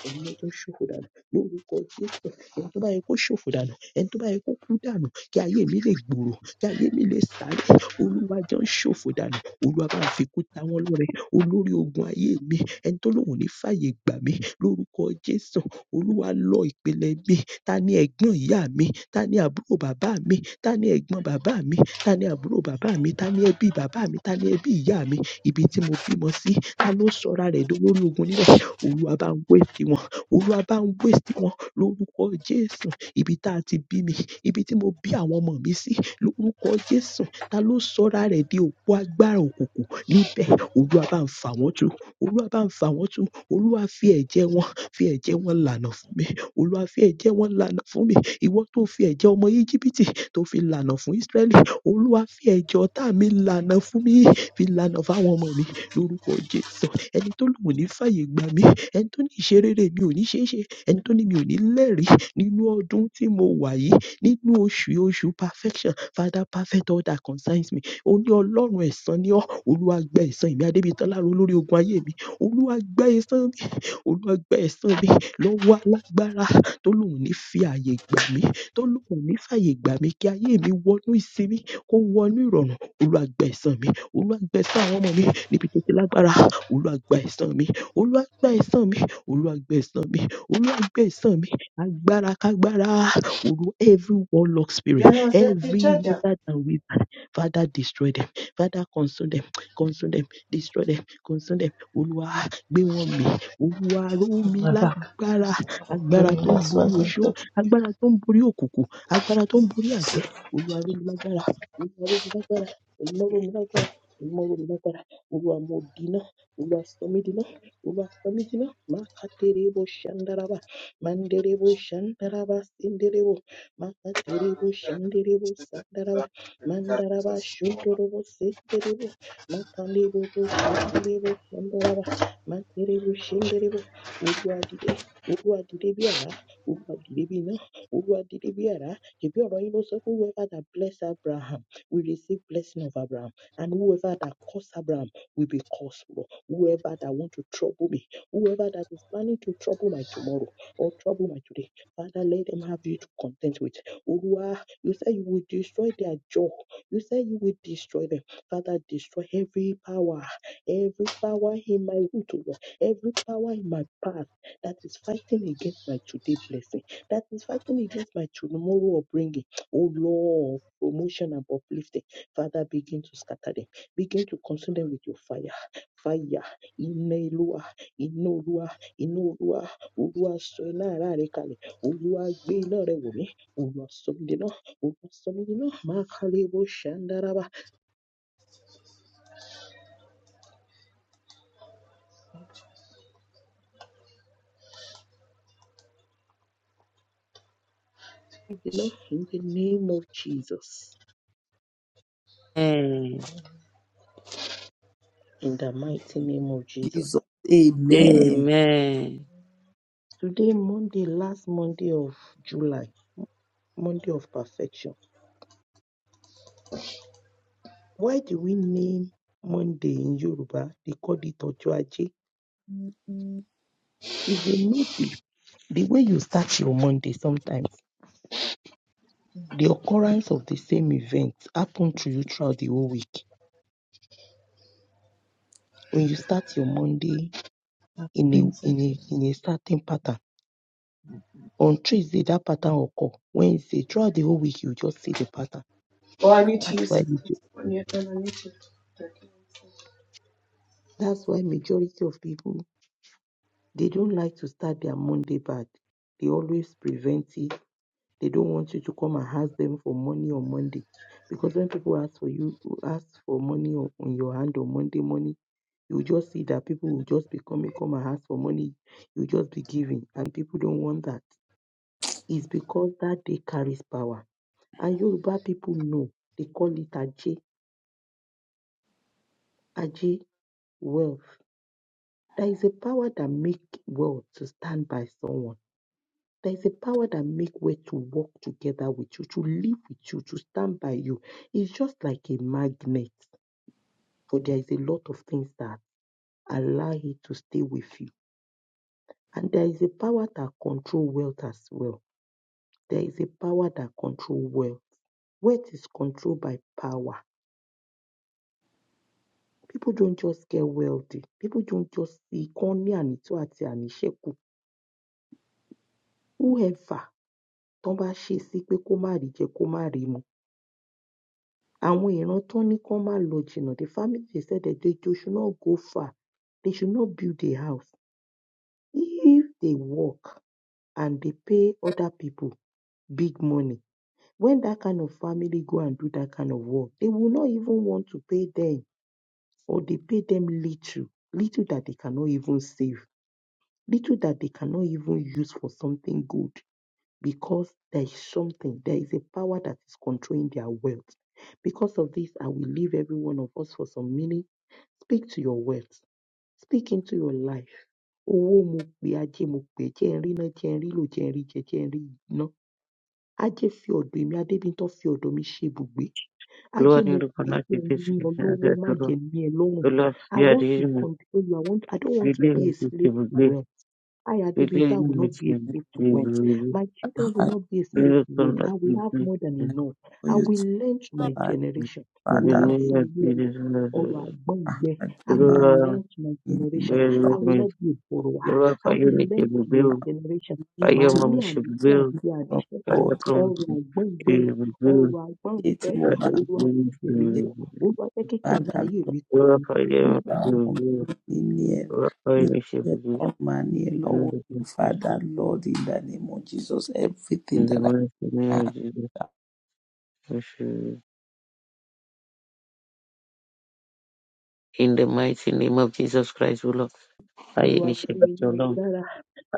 Speaker 1: Ẹ̀yin lọ́jọ́ ṣòfò dànù lórúkọ Jésù. Ohun tó bá yẹ kó ṣòfò dànù, ẹni tó bá yẹ kó kú dànù kí ayé mi lè gbòòrò, kí ayé mi lè sáré. Olúwa jọ ń ṣòfò dànù. Olúwa bá ń fi ikú ta wọ́n lọ́rẹ. Olórí ogun ayé mi, ẹni tó lóun ò ní fàyè gbà mí lórúkọ Jésù. Olúwa lọ ìpìlẹ̀ mi. Ta ni ẹ̀gbọ́n ìyá mi? Ta ni àbúrò bàbá mi? Ta ni ẹ̀gbọ́n bàbá mi? Ta ni àbúrò bàbá mi? Ta ni ẹbí bàbá mi? Ta ni ẹbí ìyá mi? Ibi tí mo bímọ sí, ta ló sọra rẹ̀ dolórí ogun níbẹ̀? Olúwa bá ń wé tiwọn Olúwa bá ń waste wọn lórúkọ Jésù. Ibi tá a ti bí mi, ibi tí mo bí àwọn ọmọ mi sí lórúkọ Jésù. Ta ló sọra rẹ̀ di òpó agbára òkùnkùn níbẹ̀? Olúwa bá ń fà wọ́n tú. Olúwa bá ń fà wọ́n tú. Olúwa fi ẹ̀jẹ̀ wọn, fi ẹ̀jẹ̀ wọn lànà fún mi. Olúwa fi ẹ̀jẹ̀ wọn lànà fún mi. Ìwọ tó fi ẹ̀jẹ̀ ọmọ Íjíbítì tó fi lànà fún Ísírẹ́lì. Olúwa fi ẹ̀jẹ̀ ọ̀tá mi lànà fún mi. Fi lànà fún àwọn ọmọ mi lórúkọ Jésù. Ẹni tó lòun ò ní fàyè gbà mí ẹni tó ní ìṣerere mi ò ní ṣeé ṣe ẹni tó ní mi ò ní lẹ́rìí nínú ọdún tí mo wà yìí nínú oṣù yìí, oṣù perfection father perfect all that concerns me ó ní ọlọ́run ẹ̀san ni ọ́ olúwa gba ẹ̀san èmi adébíyí tọ́lá olórí ogun ayé mi olúwa gba ẹ̀san Olúwa gba ẹ̀san mi lọ́wọ́ alágbára tó lóun ní fi ààyè gbà mí, tó lóun ní fààyè gbà mí kí ayé mi wọnú ìsinmi, kó wọnú ìrọ̀rùn. Olúwa gba ẹ̀san mi, Olúwa gba ẹ̀san àwọn ọmọ mi níbi tó ti lágbára. Olúwa gba ẹ̀san mi, Olúwa gba ẹ̀san mi, Olúwa gba ẹ̀san mi, Olúwa gba ẹ̀san mi. Agbára kágbára, Olú every warlock spirit,
Speaker 4: Then was that you
Speaker 1: every
Speaker 4: charger?
Speaker 1: wizard and wizard, Father destroy them, Father consume them, consume them, destroy them, consume them. Olúwa Gbé wọn mì. Olúwa ró
Speaker 4: On
Speaker 1: mi
Speaker 4: my back.
Speaker 1: lágbára.
Speaker 4: So I'm
Speaker 1: Agbára
Speaker 4: praying
Speaker 1: tó ń
Speaker 4: that's
Speaker 1: borí
Speaker 4: what I
Speaker 1: oṣó,
Speaker 4: took.
Speaker 1: agbára tó ń borí òkùnkùn, agbára tó ń borí àjẹ́. Olúwa ró mi lágbára. Olúwa ró mi lágbára. Olúwa ró mi lágbára. Olúwa ró mi lágbára. Olúwa mo dínà. Olúwa sọ mí dínà. Olúwa sọ mí dínà. Máa ka tere bo ṣandaraba. Mandere bo ṣandaraba sindere bo. Máa ka tere bo ṣandere bo sandaraba. Mandaraba ṣundoro bo sindere bo. Máa ka lebo bo ṣindere bo sandaraba. Mandiri bushenderebo, urwadire, urwadire byara, urwadire bina, urwadire byara. If you are in also whoever that bless Abraham will receive blessing of Abraham, and whoever that curse Abraham will be cursed. Lord. Whoever that want to trouble me, whoever that is planning to trouble my tomorrow or trouble my today, Father, let them have you to content with. Olua, you say you will destroy their jaw. You say you will destroy them. Father, destroy every power Every power in my root, to Lord, every power in my path that is fighting against my today blessing, that is fighting against my tomorrow upbringing, oh Lord, promotion and uplifting. Father, begin to scatter them, begin to consume them with your fire. Fire, Ineluwa, Inoluwa, Inoluwa, Oluwa so iná ara rẹ̀ kalẹ̀, Olúwa gbé iná rẹ̀ wọ̀ mí, Olúwa sọ mí di iná, Olúwa sọ mí di iná, Máa kalẹ̀ bó ṣe ń dára bá. In the name of Jesus.
Speaker 2: Amen.
Speaker 1: in the mighty name of Jesus.
Speaker 3: Jesus. Amen.
Speaker 2: Amen.
Speaker 1: Today, Monday, last Monday of July, Monday of perfection. Why do we name Monday in Yoruba? They call it Ojo Aje. If you notice, the way you start your Monday sometimes, the occurrence of the same event happen to you throughout the whole week. When you start your Monday
Speaker 4: I
Speaker 1: in a in
Speaker 4: printed. it.
Speaker 1: a in a certain pattern, on Tuesday that pattern occur. Wednesday, throughout the whole week, you just see the pattern.
Speaker 4: Well, I need to
Speaker 1: That's
Speaker 4: use
Speaker 1: why
Speaker 4: it
Speaker 1: we do.
Speaker 4: because when you're done, I need to. Okay.
Speaker 1: That's why majority of people They don't like to start their Monday bad. They always prevent it. They don't want you to come and ask them for money on Monday. Because when people ask for you, ask for money on, on your hand on Monday morning, you just see that people will just be coming, come and ask for money. You just be giving. And people don't want that. It's because that day carries power. And Yoruba people know. They call it Aje. Aje wealth. There is a power that make wealth to stand by someone There is a power that make way to walk together with you, to live with you, to stand by you. It's just like a magnet, for there is a lot of things that allow it to stay with you. And there is a power that control wealth as well. There is a power that control wealth. Wealth is controlled by power. People don't just get wealthy. People don't just see kan ànító àti àníṣẹ́kù. Whoever tó bá ṣe sí àwọn ìran tọ́n ní kọ́n má lọ jìnnà the family they said that they too should not go far they should not build a house if they work and they pay other people big money when that kind of family go and do that kind of work they will not even want to pay them or they pay them little little that they cannot even save little that they cannot even use for something good because there is something there is a power that is controlling their wealth because of this, I will leave every one of us for some minutes. Speak to your wealth. Speak into your life. Owó mo pè ajé mo pè jẹ́ n rí ná jẹ́ n rí lò jẹ́ n rí jẹ jẹ́ n rí ná. Ajé fi ọ̀dọ̀ èmi Adébíntán fi ọ̀dọ̀ mi ṣe ibùgbé. Ajé
Speaker 2: Glory
Speaker 1: mo
Speaker 2: to
Speaker 1: pè é
Speaker 2: God,
Speaker 1: jẹ́
Speaker 2: to
Speaker 1: n
Speaker 2: Jesus
Speaker 1: ní ọ
Speaker 2: Christ, and
Speaker 1: lọ́wọ́ má
Speaker 2: to God.
Speaker 1: jẹ́ n ní ẹ lọ́rùn.
Speaker 2: The Lord,
Speaker 1: I
Speaker 2: we are
Speaker 1: want
Speaker 2: the
Speaker 1: to
Speaker 2: enemy.
Speaker 1: control you. I want I don't want
Speaker 2: We
Speaker 1: to
Speaker 2: live
Speaker 1: be a
Speaker 2: in this
Speaker 1: slave
Speaker 2: evil
Speaker 1: to
Speaker 2: day.
Speaker 1: wealth. I,
Speaker 2: We live
Speaker 1: Adebinta, will
Speaker 2: in
Speaker 1: not
Speaker 2: this
Speaker 1: be a
Speaker 2: thing.
Speaker 1: slave to
Speaker 2: We
Speaker 1: wealth.
Speaker 3: Lord,
Speaker 2: will. live.
Speaker 1: My children will
Speaker 3: I
Speaker 1: not be a
Speaker 3: pray
Speaker 2: We
Speaker 1: slave
Speaker 2: will
Speaker 1: to wealth.
Speaker 2: come
Speaker 1: I
Speaker 2: back
Speaker 1: will
Speaker 2: to
Speaker 1: have
Speaker 2: this.
Speaker 1: more than
Speaker 2: In
Speaker 1: enough.
Speaker 3: for
Speaker 1: I
Speaker 3: you
Speaker 1: will
Speaker 3: to
Speaker 1: lend to
Speaker 3: Lord.
Speaker 1: my generation.
Speaker 2: the
Speaker 3: Father,
Speaker 1: Olúwa
Speaker 2: name
Speaker 1: fún mi
Speaker 2: of
Speaker 1: ní ọrọ̀
Speaker 2: Jesus,
Speaker 1: ọrọ̀ àgbọ́n
Speaker 3: I pray,
Speaker 1: I will
Speaker 3: man,
Speaker 2: Lord,
Speaker 1: lend to my
Speaker 3: in the name
Speaker 1: generation.
Speaker 3: of God.
Speaker 1: I will
Speaker 2: Lord,
Speaker 1: not be a borrower. I
Speaker 2: fire
Speaker 1: will
Speaker 2: make
Speaker 1: lend
Speaker 2: it
Speaker 1: to my
Speaker 2: reveal.
Speaker 1: generation.
Speaker 3: In
Speaker 2: Fire
Speaker 1: Màá
Speaker 3: the name
Speaker 1: ní
Speaker 2: mama should
Speaker 1: àníṣe
Speaker 2: reveal.
Speaker 1: àti
Speaker 3: of
Speaker 1: àníṣẹ́kù.
Speaker 2: Fire
Speaker 3: God.
Speaker 2: come
Speaker 1: Ọrọ̀
Speaker 2: to
Speaker 1: àgbọ́n ìgbẹ.
Speaker 2: reveal.
Speaker 1: Ọrọ̀ àgbọ́n
Speaker 3: Eti
Speaker 1: ìgbẹ.
Speaker 3: mo bá fi
Speaker 1: Olúwa fi jẹ̀ mí
Speaker 3: ṣe
Speaker 1: wò. Olúwa jẹ́ kí
Speaker 3: padà
Speaker 1: kànkáyè
Speaker 3: lọ́wọ́
Speaker 1: mi kan
Speaker 2: Lord,
Speaker 1: mi.
Speaker 2: fire mama
Speaker 3: àwọn ọmọ mi ní ẹ ní ẹ ọmọ ní ẹ
Speaker 2: In
Speaker 3: lọ́wọ́
Speaker 2: the
Speaker 3: you father lord in the name of jesus everything that i
Speaker 2: mighty name of
Speaker 3: have
Speaker 2: Jesus. we should- In the mighty name of Jesus Christ, O Lord, fire
Speaker 1: Olúwa fún
Speaker 2: initiative
Speaker 1: mi ní
Speaker 2: alone.
Speaker 1: agbára.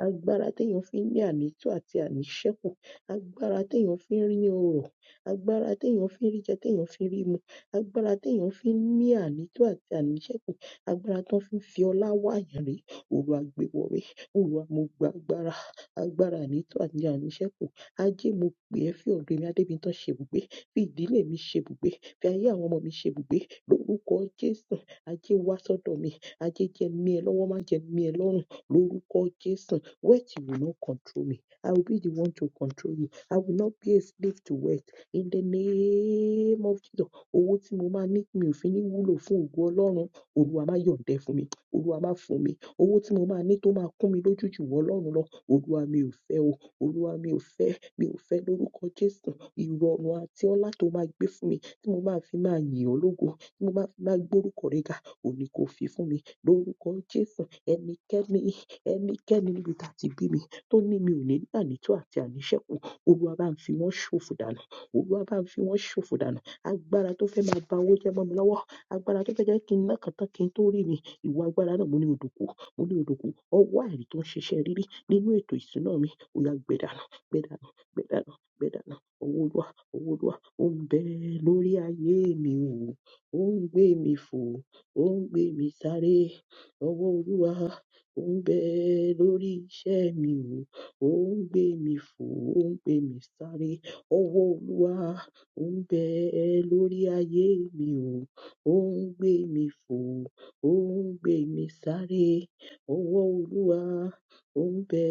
Speaker 1: agbára téèyàn fi ń ní ànító àti àníṣẹ́kù agbára téèyàn fi ń rí ọrọ̀ agbára téèyàn fi ń rí jẹ téèyàn fi ń rí mu agbára téèyàn fi ń ní ànító àti àníṣẹ́kù agbára tán fi ń fi ọlá wáàyàn rèé olúwa gbé wọré olúwa mo gba agbára agbára ànító àti àníṣẹ́kù ajé mo pè é fi ọ̀dọ̀ èmi adébíntán ṣebùgbé fi ìdílé mi ṣebùgbé fi ayé àwọn ọmọ mi ṣebùgbé lórúkọ jésù ajé wá sọ́dọ̀ mi ajé jẹ́ n ní ẹ lọ́wọ́ má jẹ́ n ẹ lọ́rùn lórúkọ jésù Wealth will not control me. I will be the one to control you. I will not be a slave to wealth. In the name of Jesus, owó tí mo máa ní mi ò fi ní wúlò fún ògo Ọlọ́run. Olúwa máa yọ̀ǹdẹ̀ fún mi. Olúwa máa fún mi. Owó tí mo máa ní tó máa kún mi lójú jù wọ́ Ọlọ́run lọ. Olúwa mi ò fẹ́ o. Olúwa mi ò fẹ́. Mi ò fẹ́ lórúkọ Jésù. Ìrọ̀rùn àti ọlá tó máa gbé fún mi tí mo máa fi máa yìn ọ́ lógo. Tí mo máa fi máa gbórúkọ rẹ ga. Òní kò fi fún mi lórúkọ Jésù. Ẹnikẹ́ni ẹnikẹ́ni níbi tá a ti bí mi tó ní mi ò ní ní ànító àti àníṣẹ́kù olúwa bá ń fi wọ́n ṣòfò dànù olúwa bá ń fi wọ́n ṣòfò dànù agbára tó fẹ́ máa ba owó jẹ́ mọ́ mi lọ́wọ́ agbára tó fẹ́ jẹ́ kí n ná kan tán kí n tó rí mi ìwà agbára náà mo ní odòkú mo ní odòkú ọwọ́ àìrí tó ń ṣiṣẹ́ rírí nínú ètò ìṣúná mi ó yá gbẹ dànù gbẹ dànù gbẹ dànù gbẹ dànù owó olúwa owó olúwa ó ń bẹ lórí ayé mi o ó ń gbé mi fò ó ń gbé mi sáré ọwọ́ olúwa ó ń bẹ lórí iṣẹ́ mi o, ó ń gbé mi fò, ó ń gbé mi sáré. Ọwọ́ Olúwa ó ń bẹ lórí ayé mi o, ó ń gbé mi fò, ó ń gbé mi sáré. Ọwọ́ Olúwa ó ń bẹ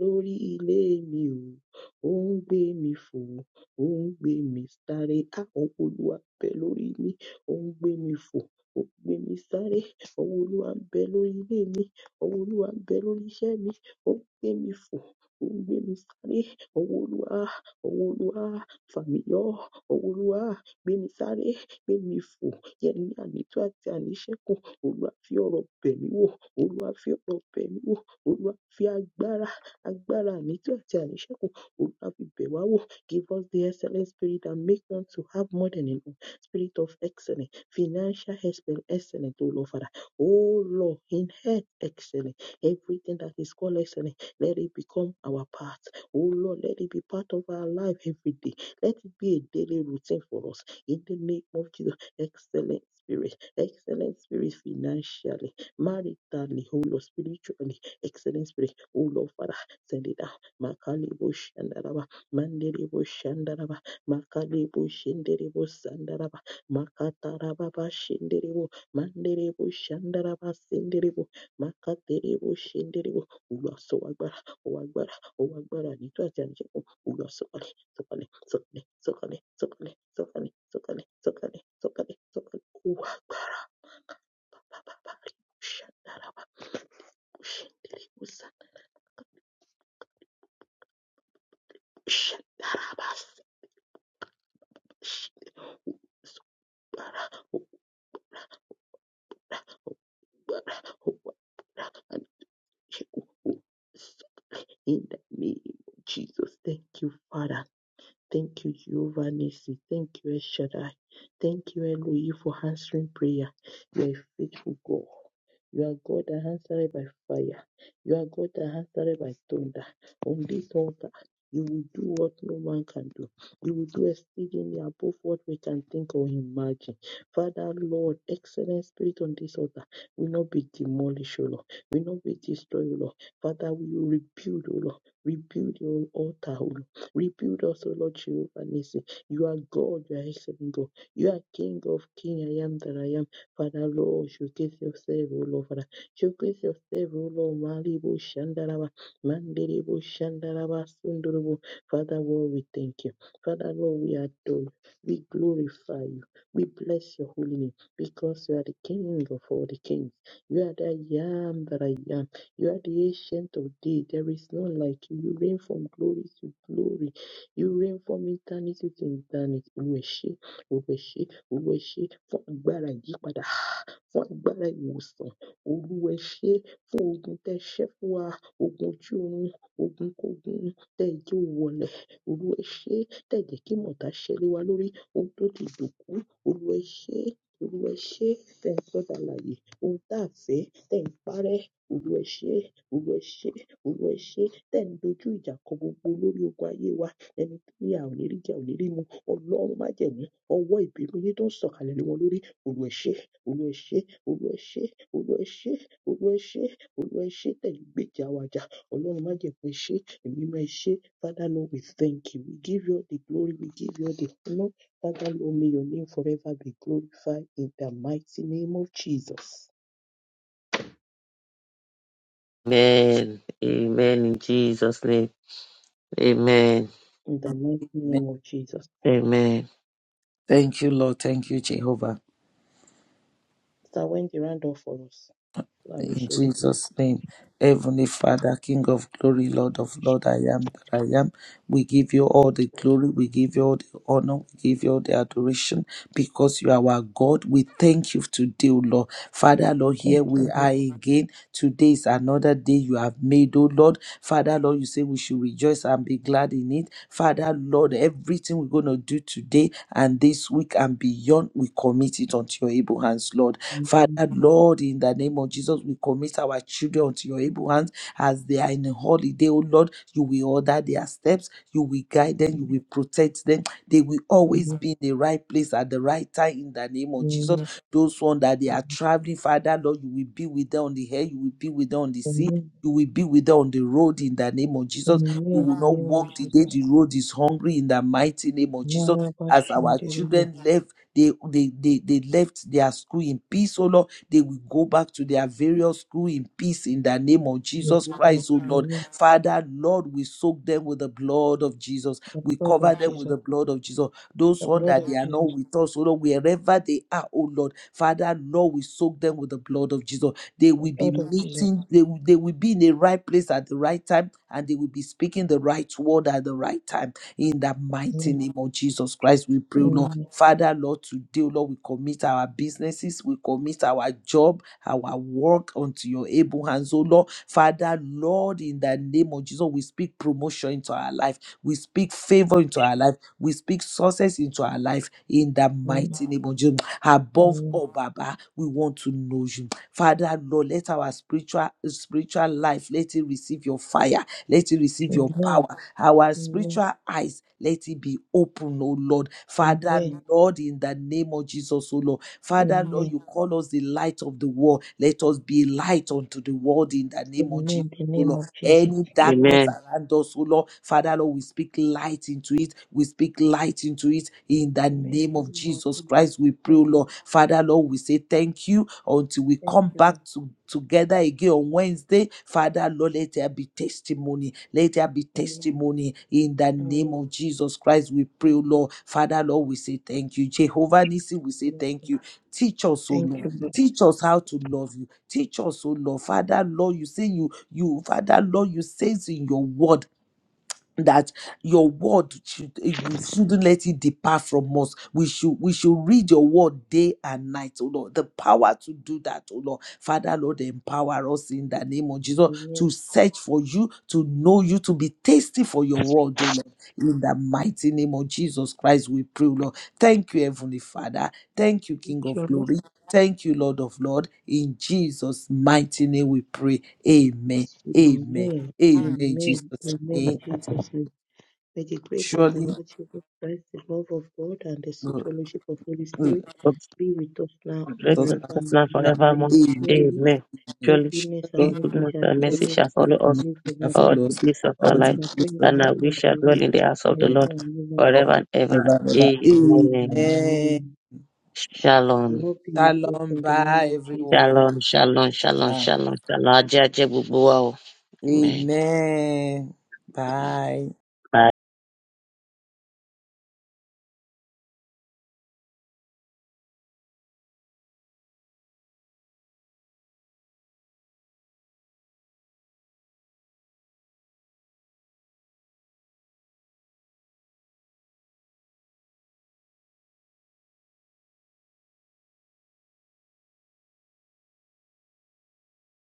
Speaker 1: lórí ilé mi o, ó ń gbé mi fò, ó ń gbé mi sáré. Á, ọwọ́ Olúwa ń bẹ lórí mi, ó ń gbé mi fò, ó ń gbé mi sáré. Ọwọ́ Olúwa ń bẹ lórí ilé mi. Ọwọ́ Olúwa ń bẹ lórí iṣẹ́ mi. Ó ń gbé mi fò. Ó ń gbé mi sáré. Ọwọ́ Olúwa. Ọwọ́ Olúwa. Fà mí yọ. Ọwọ́ Olúwa. Gbé mi sáré. Gbé mi fò. Yẹn ní ànító àti àníṣẹ́kù. Olúwa fi ọ̀rọ̀ bẹ̀ mí wò. Olúwa fi ọ̀rọ̀ bẹ̀ mí wò. Olúwa fi agbára. Agbára ànító àti àníṣẹ́kù. Olúwa fi bẹ̀ wá wò. Give us the excellent spirit that make one to have more than enough. Spirit of excellence. Financial excellence. Excellent, O Lord Father. Oh Lord, inherit excellence. Everything that is called excellence, let it become our part. Oh Lord, let it be part of our life every day. Let it be a daily routine for us. In the name of Jesus, excellent spirit, excellent spirit financially, maritally, oh Lord, spiritually, excellent spirit. Oh Lord, Father, send it out. Makalibo Shandaraba, Mandelebo Shandaraba, Makalibo Shinderebo Sandaraba, Makatarababa Shinderebo manderebo shandara basenderebo makaterebo shenderebo ulasowagbara owagbara owagbara nítọ́ àti àníṣẹ́kùn olùwàsókàlẹ̀ sọ̀kalẹ̀ sọ̀kalẹ̀ sọ̀kalẹ̀ sọ̀kalẹ̀ sọ̀kalẹ̀ sọ̀kalẹ̀ sọ̀kalẹ̀ sọ̀kalẹ̀ sọ̀kalẹ̀ owagbara bàbàbà shandara bàbà shenderebo sa shandara bàbà sọ̀gbàrà owagbara owagbara àníṣẹ́kùn in the name of Jesus. Thank you, Father. Thank you, Jehovah Nissi. Thank you, El Shaddai. Thank you, Elohim, for answering prayer. You are a faithful God. You are God that answered by fire. You are God that answered by thunder. On this altar, you will do what no man can do. You will do exceedingly above what we can think or imagine. Father, Lord, excellent spirit on this altar will not be demolished, O Lord. Will not be destroyed, O Lord. Father, we will rebuild, O Lord. Rebuild your altar, O Lord. Rebuild us, O Lord Jehovah Nisi. You are God, you are excellent God. You are King of King. I am that I am. Father Lord, showcase yourself, O Lord Father. Showcase yourself, O Lord, Malibu Shandaraba, Mandiribu Shandaraba Sundurubu. Father Lord, we thank you. Father Lord, we adore you. We glorify you. We bless your holy name because you are the King of all the kings. You are the I am that I am. You are the ancient of days. There is none like you. You reign from glory to glory. You reign from eternity to eternity. Ògo ẹ ṣé, ògo ẹ ṣé, ògo ẹ ṣé fún agbára ìyípadà fún agbára ìwòsàn olúwa ẹ ṣé fún ogun tẹ ṣẹ́ fún wa ogun ojú oorun ogunkógun tẹ ẹ jẹ́ ó wọlẹ̀ olúwa ẹ ṣé tẹ ẹ jẹ́ kí mọ̀tá ṣẹ́ lé wa lórí ohun tó ti dòkú olúwa ẹ ṣé olúwa ẹ ṣé tẹ ẹ ń sọdà láàyè ohun tá a fẹ́ tẹ ẹ ń parẹ́ olúwa ẹ ṣé olúwa ẹ ṣé olúwa ẹ ṣé tẹ ẹ ń dojú ìjà kọ gbogbo olórí ogun ayé wa ẹni tó ní a ò ní rí jẹ ò ní rí mu ọlọ́run má jẹ̀mú ọwọ́ ìbínú yín tó ń sọ̀kalẹ̀ lé wọn lórí olúwa ẹ ṣé we worship, we worship, we worship, we worship, we worship the gbèjà wa jà. Ọlọ́run má jẹ̀ kó ṣe, èmi máa ṣe. Father Lord, we thank you. We give you all the glory, we give you all the honor. Father Lord, may your name forever be glorified in the mighty name of Jesus.
Speaker 2: Amen. Amen. In Jesus' name. Amen.
Speaker 1: In the mighty
Speaker 3: amen
Speaker 1: name of Jesus.
Speaker 2: Amen.
Speaker 3: thank you lord thank you jehovah.
Speaker 1: Sir, when the round off for us, so I will
Speaker 3: In
Speaker 1: share the grace.
Speaker 3: Jesus' name, Heavenly Father, King of glory, Lord of Lord, I am that I am. We give you all the glory, we give you all the honor, we give you all the adoration because you are our God. We thank you today, O Lord. Father, Lord,
Speaker 1: Thank
Speaker 3: here we
Speaker 1: you.
Speaker 3: are
Speaker 1: Lord
Speaker 3: again. Today is another day you have made, O Lord. Father, Lord, you say we should rejoice and be glad in it. Father, Lord, everything we're going to do today and this week and beyond, we commit it unto your able hands, Lord.
Speaker 1: and name
Speaker 3: Father, Lord, in the name of Jesus, we commit our children unto your able hands as they are in a holiday, oh Lord. You will order their steps, you will guide them, you
Speaker 1: it,
Speaker 3: will protect them. They will always be in the right place at the right time in the name
Speaker 1: name it,
Speaker 3: of
Speaker 1: name
Speaker 3: Jesus. Those one that they are traveling, Father, Lord, you will be with them on the air, you will be with them on the sea. You will be with them on the road in the name of Jesus. We will
Speaker 1: in the
Speaker 3: not
Speaker 1: name of
Speaker 3: walk the day
Speaker 1: Jesus.
Speaker 3: the road is hungry in the mighty name of Jesus. As our children they, they, they, they left their school in peace, oh Lord. They will go back to their various school in peace in the name of Jesus
Speaker 1: Amen.
Speaker 3: Christ, oh Lord.
Speaker 1: Amen.
Speaker 3: Father, Lord, we soak them with the blood of Jesus.
Speaker 1: The
Speaker 3: We
Speaker 1: blood
Speaker 3: cover
Speaker 1: of
Speaker 3: them with the
Speaker 1: Jesus,
Speaker 3: blood of Jesus. Those
Speaker 1: the
Speaker 3: ones
Speaker 1: blood
Speaker 3: that they
Speaker 1: of
Speaker 3: are not
Speaker 1: Jesus,
Speaker 3: with us, oh Lord, wherever they are, oh Lord. Father, Lord, we soak them with the blood of Jesus. They
Speaker 1: the
Speaker 3: will be
Speaker 1: blood of Jesus.
Speaker 3: meeting, they will, they will be in the right place at the right time, and they will be speaking the right word at the right time in the mighty
Speaker 1: Amen.
Speaker 3: name of Jesus Christ, we pray, Lord.
Speaker 1: Amen.
Speaker 3: Father, Lord, today, Lord, we commit our businesses, we commit our job, our work unto your able hands, oh Lord. Father, Lord, in the name of Jesus, we speak promotion into our life, we speak favor into our life, we speak success into our life, in the mighty name of Jesus. Above
Speaker 1: Amen.
Speaker 3: all, Baba, we want to know you. Father, Lord, let our spiritual spiritual life let it receive your fire, let it receive your power,
Speaker 1: Amen.
Speaker 3: our
Speaker 1: Amen.
Speaker 3: spiritual eyes, let it be open, oh Lord.
Speaker 1: Amen.
Speaker 3: Father,
Speaker 1: Amen.
Speaker 3: Lord, in the name of Jesus, oh Lord. Father, Lord,
Speaker 1: Amen.
Speaker 3: you call us the light of the world. Let us be a light unto the world in the name of Jesus.
Speaker 1: Amen. The
Speaker 3: oh
Speaker 1: name
Speaker 3: Lord
Speaker 1: of Jesus.
Speaker 3: any darkness
Speaker 2: Amen.
Speaker 3: around us, oh Lord. Father, Lord, we speak light into it. We speak light into it in the
Speaker 1: Amen.
Speaker 3: name
Speaker 1: The
Speaker 3: of
Speaker 1: name of
Speaker 3: Jesus
Speaker 1: Jesus.
Speaker 3: Christ. We pray, oh
Speaker 1: Amen.
Speaker 3: Lord. Father, Lord, we say thank you until we
Speaker 1: Thank
Speaker 3: come
Speaker 1: you,
Speaker 3: back
Speaker 1: Lord.
Speaker 3: to together again on Wednesday. Father, Lord, let there be testimony. Let there be
Speaker 1: Amen.
Speaker 3: testimony in the
Speaker 1: Amen.
Speaker 3: name
Speaker 1: Amen.
Speaker 3: of Jesus Christ. We pray, oh
Speaker 1: Amen.
Speaker 3: Lord. Father, Lord, we say thank you. Jehovah Nissi, we say thank you. Teach us, oh
Speaker 1: Thank
Speaker 3: Lord.
Speaker 1: you, Lord.
Speaker 3: Teach us how to love you. Teach us, oh Lord. Father, Lord, you say you, you, Father, Lord, you say in your word that your word should eh, we shouldn't let it depart from us. We should we should read your word day and night, oh Lord. The power to do that, oh Lord. Father, Lord, empower us in the name of Jesus
Speaker 1: Amen.
Speaker 3: to search for you, to know you, to be tasty for your word, oh Lord. In the mighty name of Jesus Christ, we pray, oh Lord. Thank you, Heavenly Father. Thank you, King
Speaker 1: Thank
Speaker 3: of
Speaker 1: you, Lord.
Speaker 3: Glory. Thank you, Lord of Lord. In Jesus' mighty name we pray. Amen.
Speaker 1: Amen.
Speaker 3: Amen.
Speaker 1: Amen.
Speaker 3: Amen. in
Speaker 1: Amen.
Speaker 3: Jesus' name.
Speaker 1: In Jesus' name. May the grace of the
Speaker 3: Surely
Speaker 1: Lord Jesus Christ, the love of God, and the sweet
Speaker 3: the
Speaker 1: fellowship of Holy Spirit
Speaker 3: earth
Speaker 1: be with us now and
Speaker 2: grace
Speaker 3: does
Speaker 2: and
Speaker 3: not
Speaker 2: peace
Speaker 1: forevermore.
Speaker 2: now
Speaker 3: follow them.
Speaker 2: forevermore.
Speaker 1: Amen.
Speaker 3: Amen.
Speaker 1: Surely,
Speaker 2: Amen.
Speaker 1: God's
Speaker 2: Surely,
Speaker 1: goodness and
Speaker 3: Surely
Speaker 2: God's
Speaker 1: mercy
Speaker 2: goodness
Speaker 1: shall
Speaker 2: and mercy
Speaker 1: follow
Speaker 3: earth
Speaker 1: us
Speaker 2: shall
Speaker 1: all
Speaker 2: follow
Speaker 1: the
Speaker 3: and
Speaker 2: us
Speaker 1: days of
Speaker 3: mercy shall
Speaker 1: our
Speaker 2: all
Speaker 1: life,
Speaker 3: follow
Speaker 2: the
Speaker 3: us
Speaker 2: days of
Speaker 3: all
Speaker 2: our
Speaker 1: and we
Speaker 3: the
Speaker 2: life,
Speaker 1: shall dwell
Speaker 3: days
Speaker 1: in
Speaker 3: of
Speaker 2: and
Speaker 1: the
Speaker 3: our
Speaker 2: that
Speaker 1: house
Speaker 3: life
Speaker 2: we
Speaker 1: of the
Speaker 2: shall dwell
Speaker 1: Lord
Speaker 2: in the house of the
Speaker 3: and we
Speaker 1: forever
Speaker 2: Lord
Speaker 1: and ever.
Speaker 3: shall
Speaker 2: forever and
Speaker 3: live
Speaker 2: ever.
Speaker 3: forever and ever.
Speaker 2: Amen.
Speaker 3: Amen.
Speaker 1: Amen. The
Speaker 2: Shalom.
Speaker 1: Lord be with us
Speaker 3: Shalom.
Speaker 1: in the name
Speaker 3: Bye,
Speaker 1: of Jesus.
Speaker 3: everyone.
Speaker 2: Shalom, shalom, shalom,
Speaker 3: Bye.
Speaker 2: shalom, shalom. Ajé, ajé gbogbo wa o. Amen.
Speaker 3: Amen. Bye.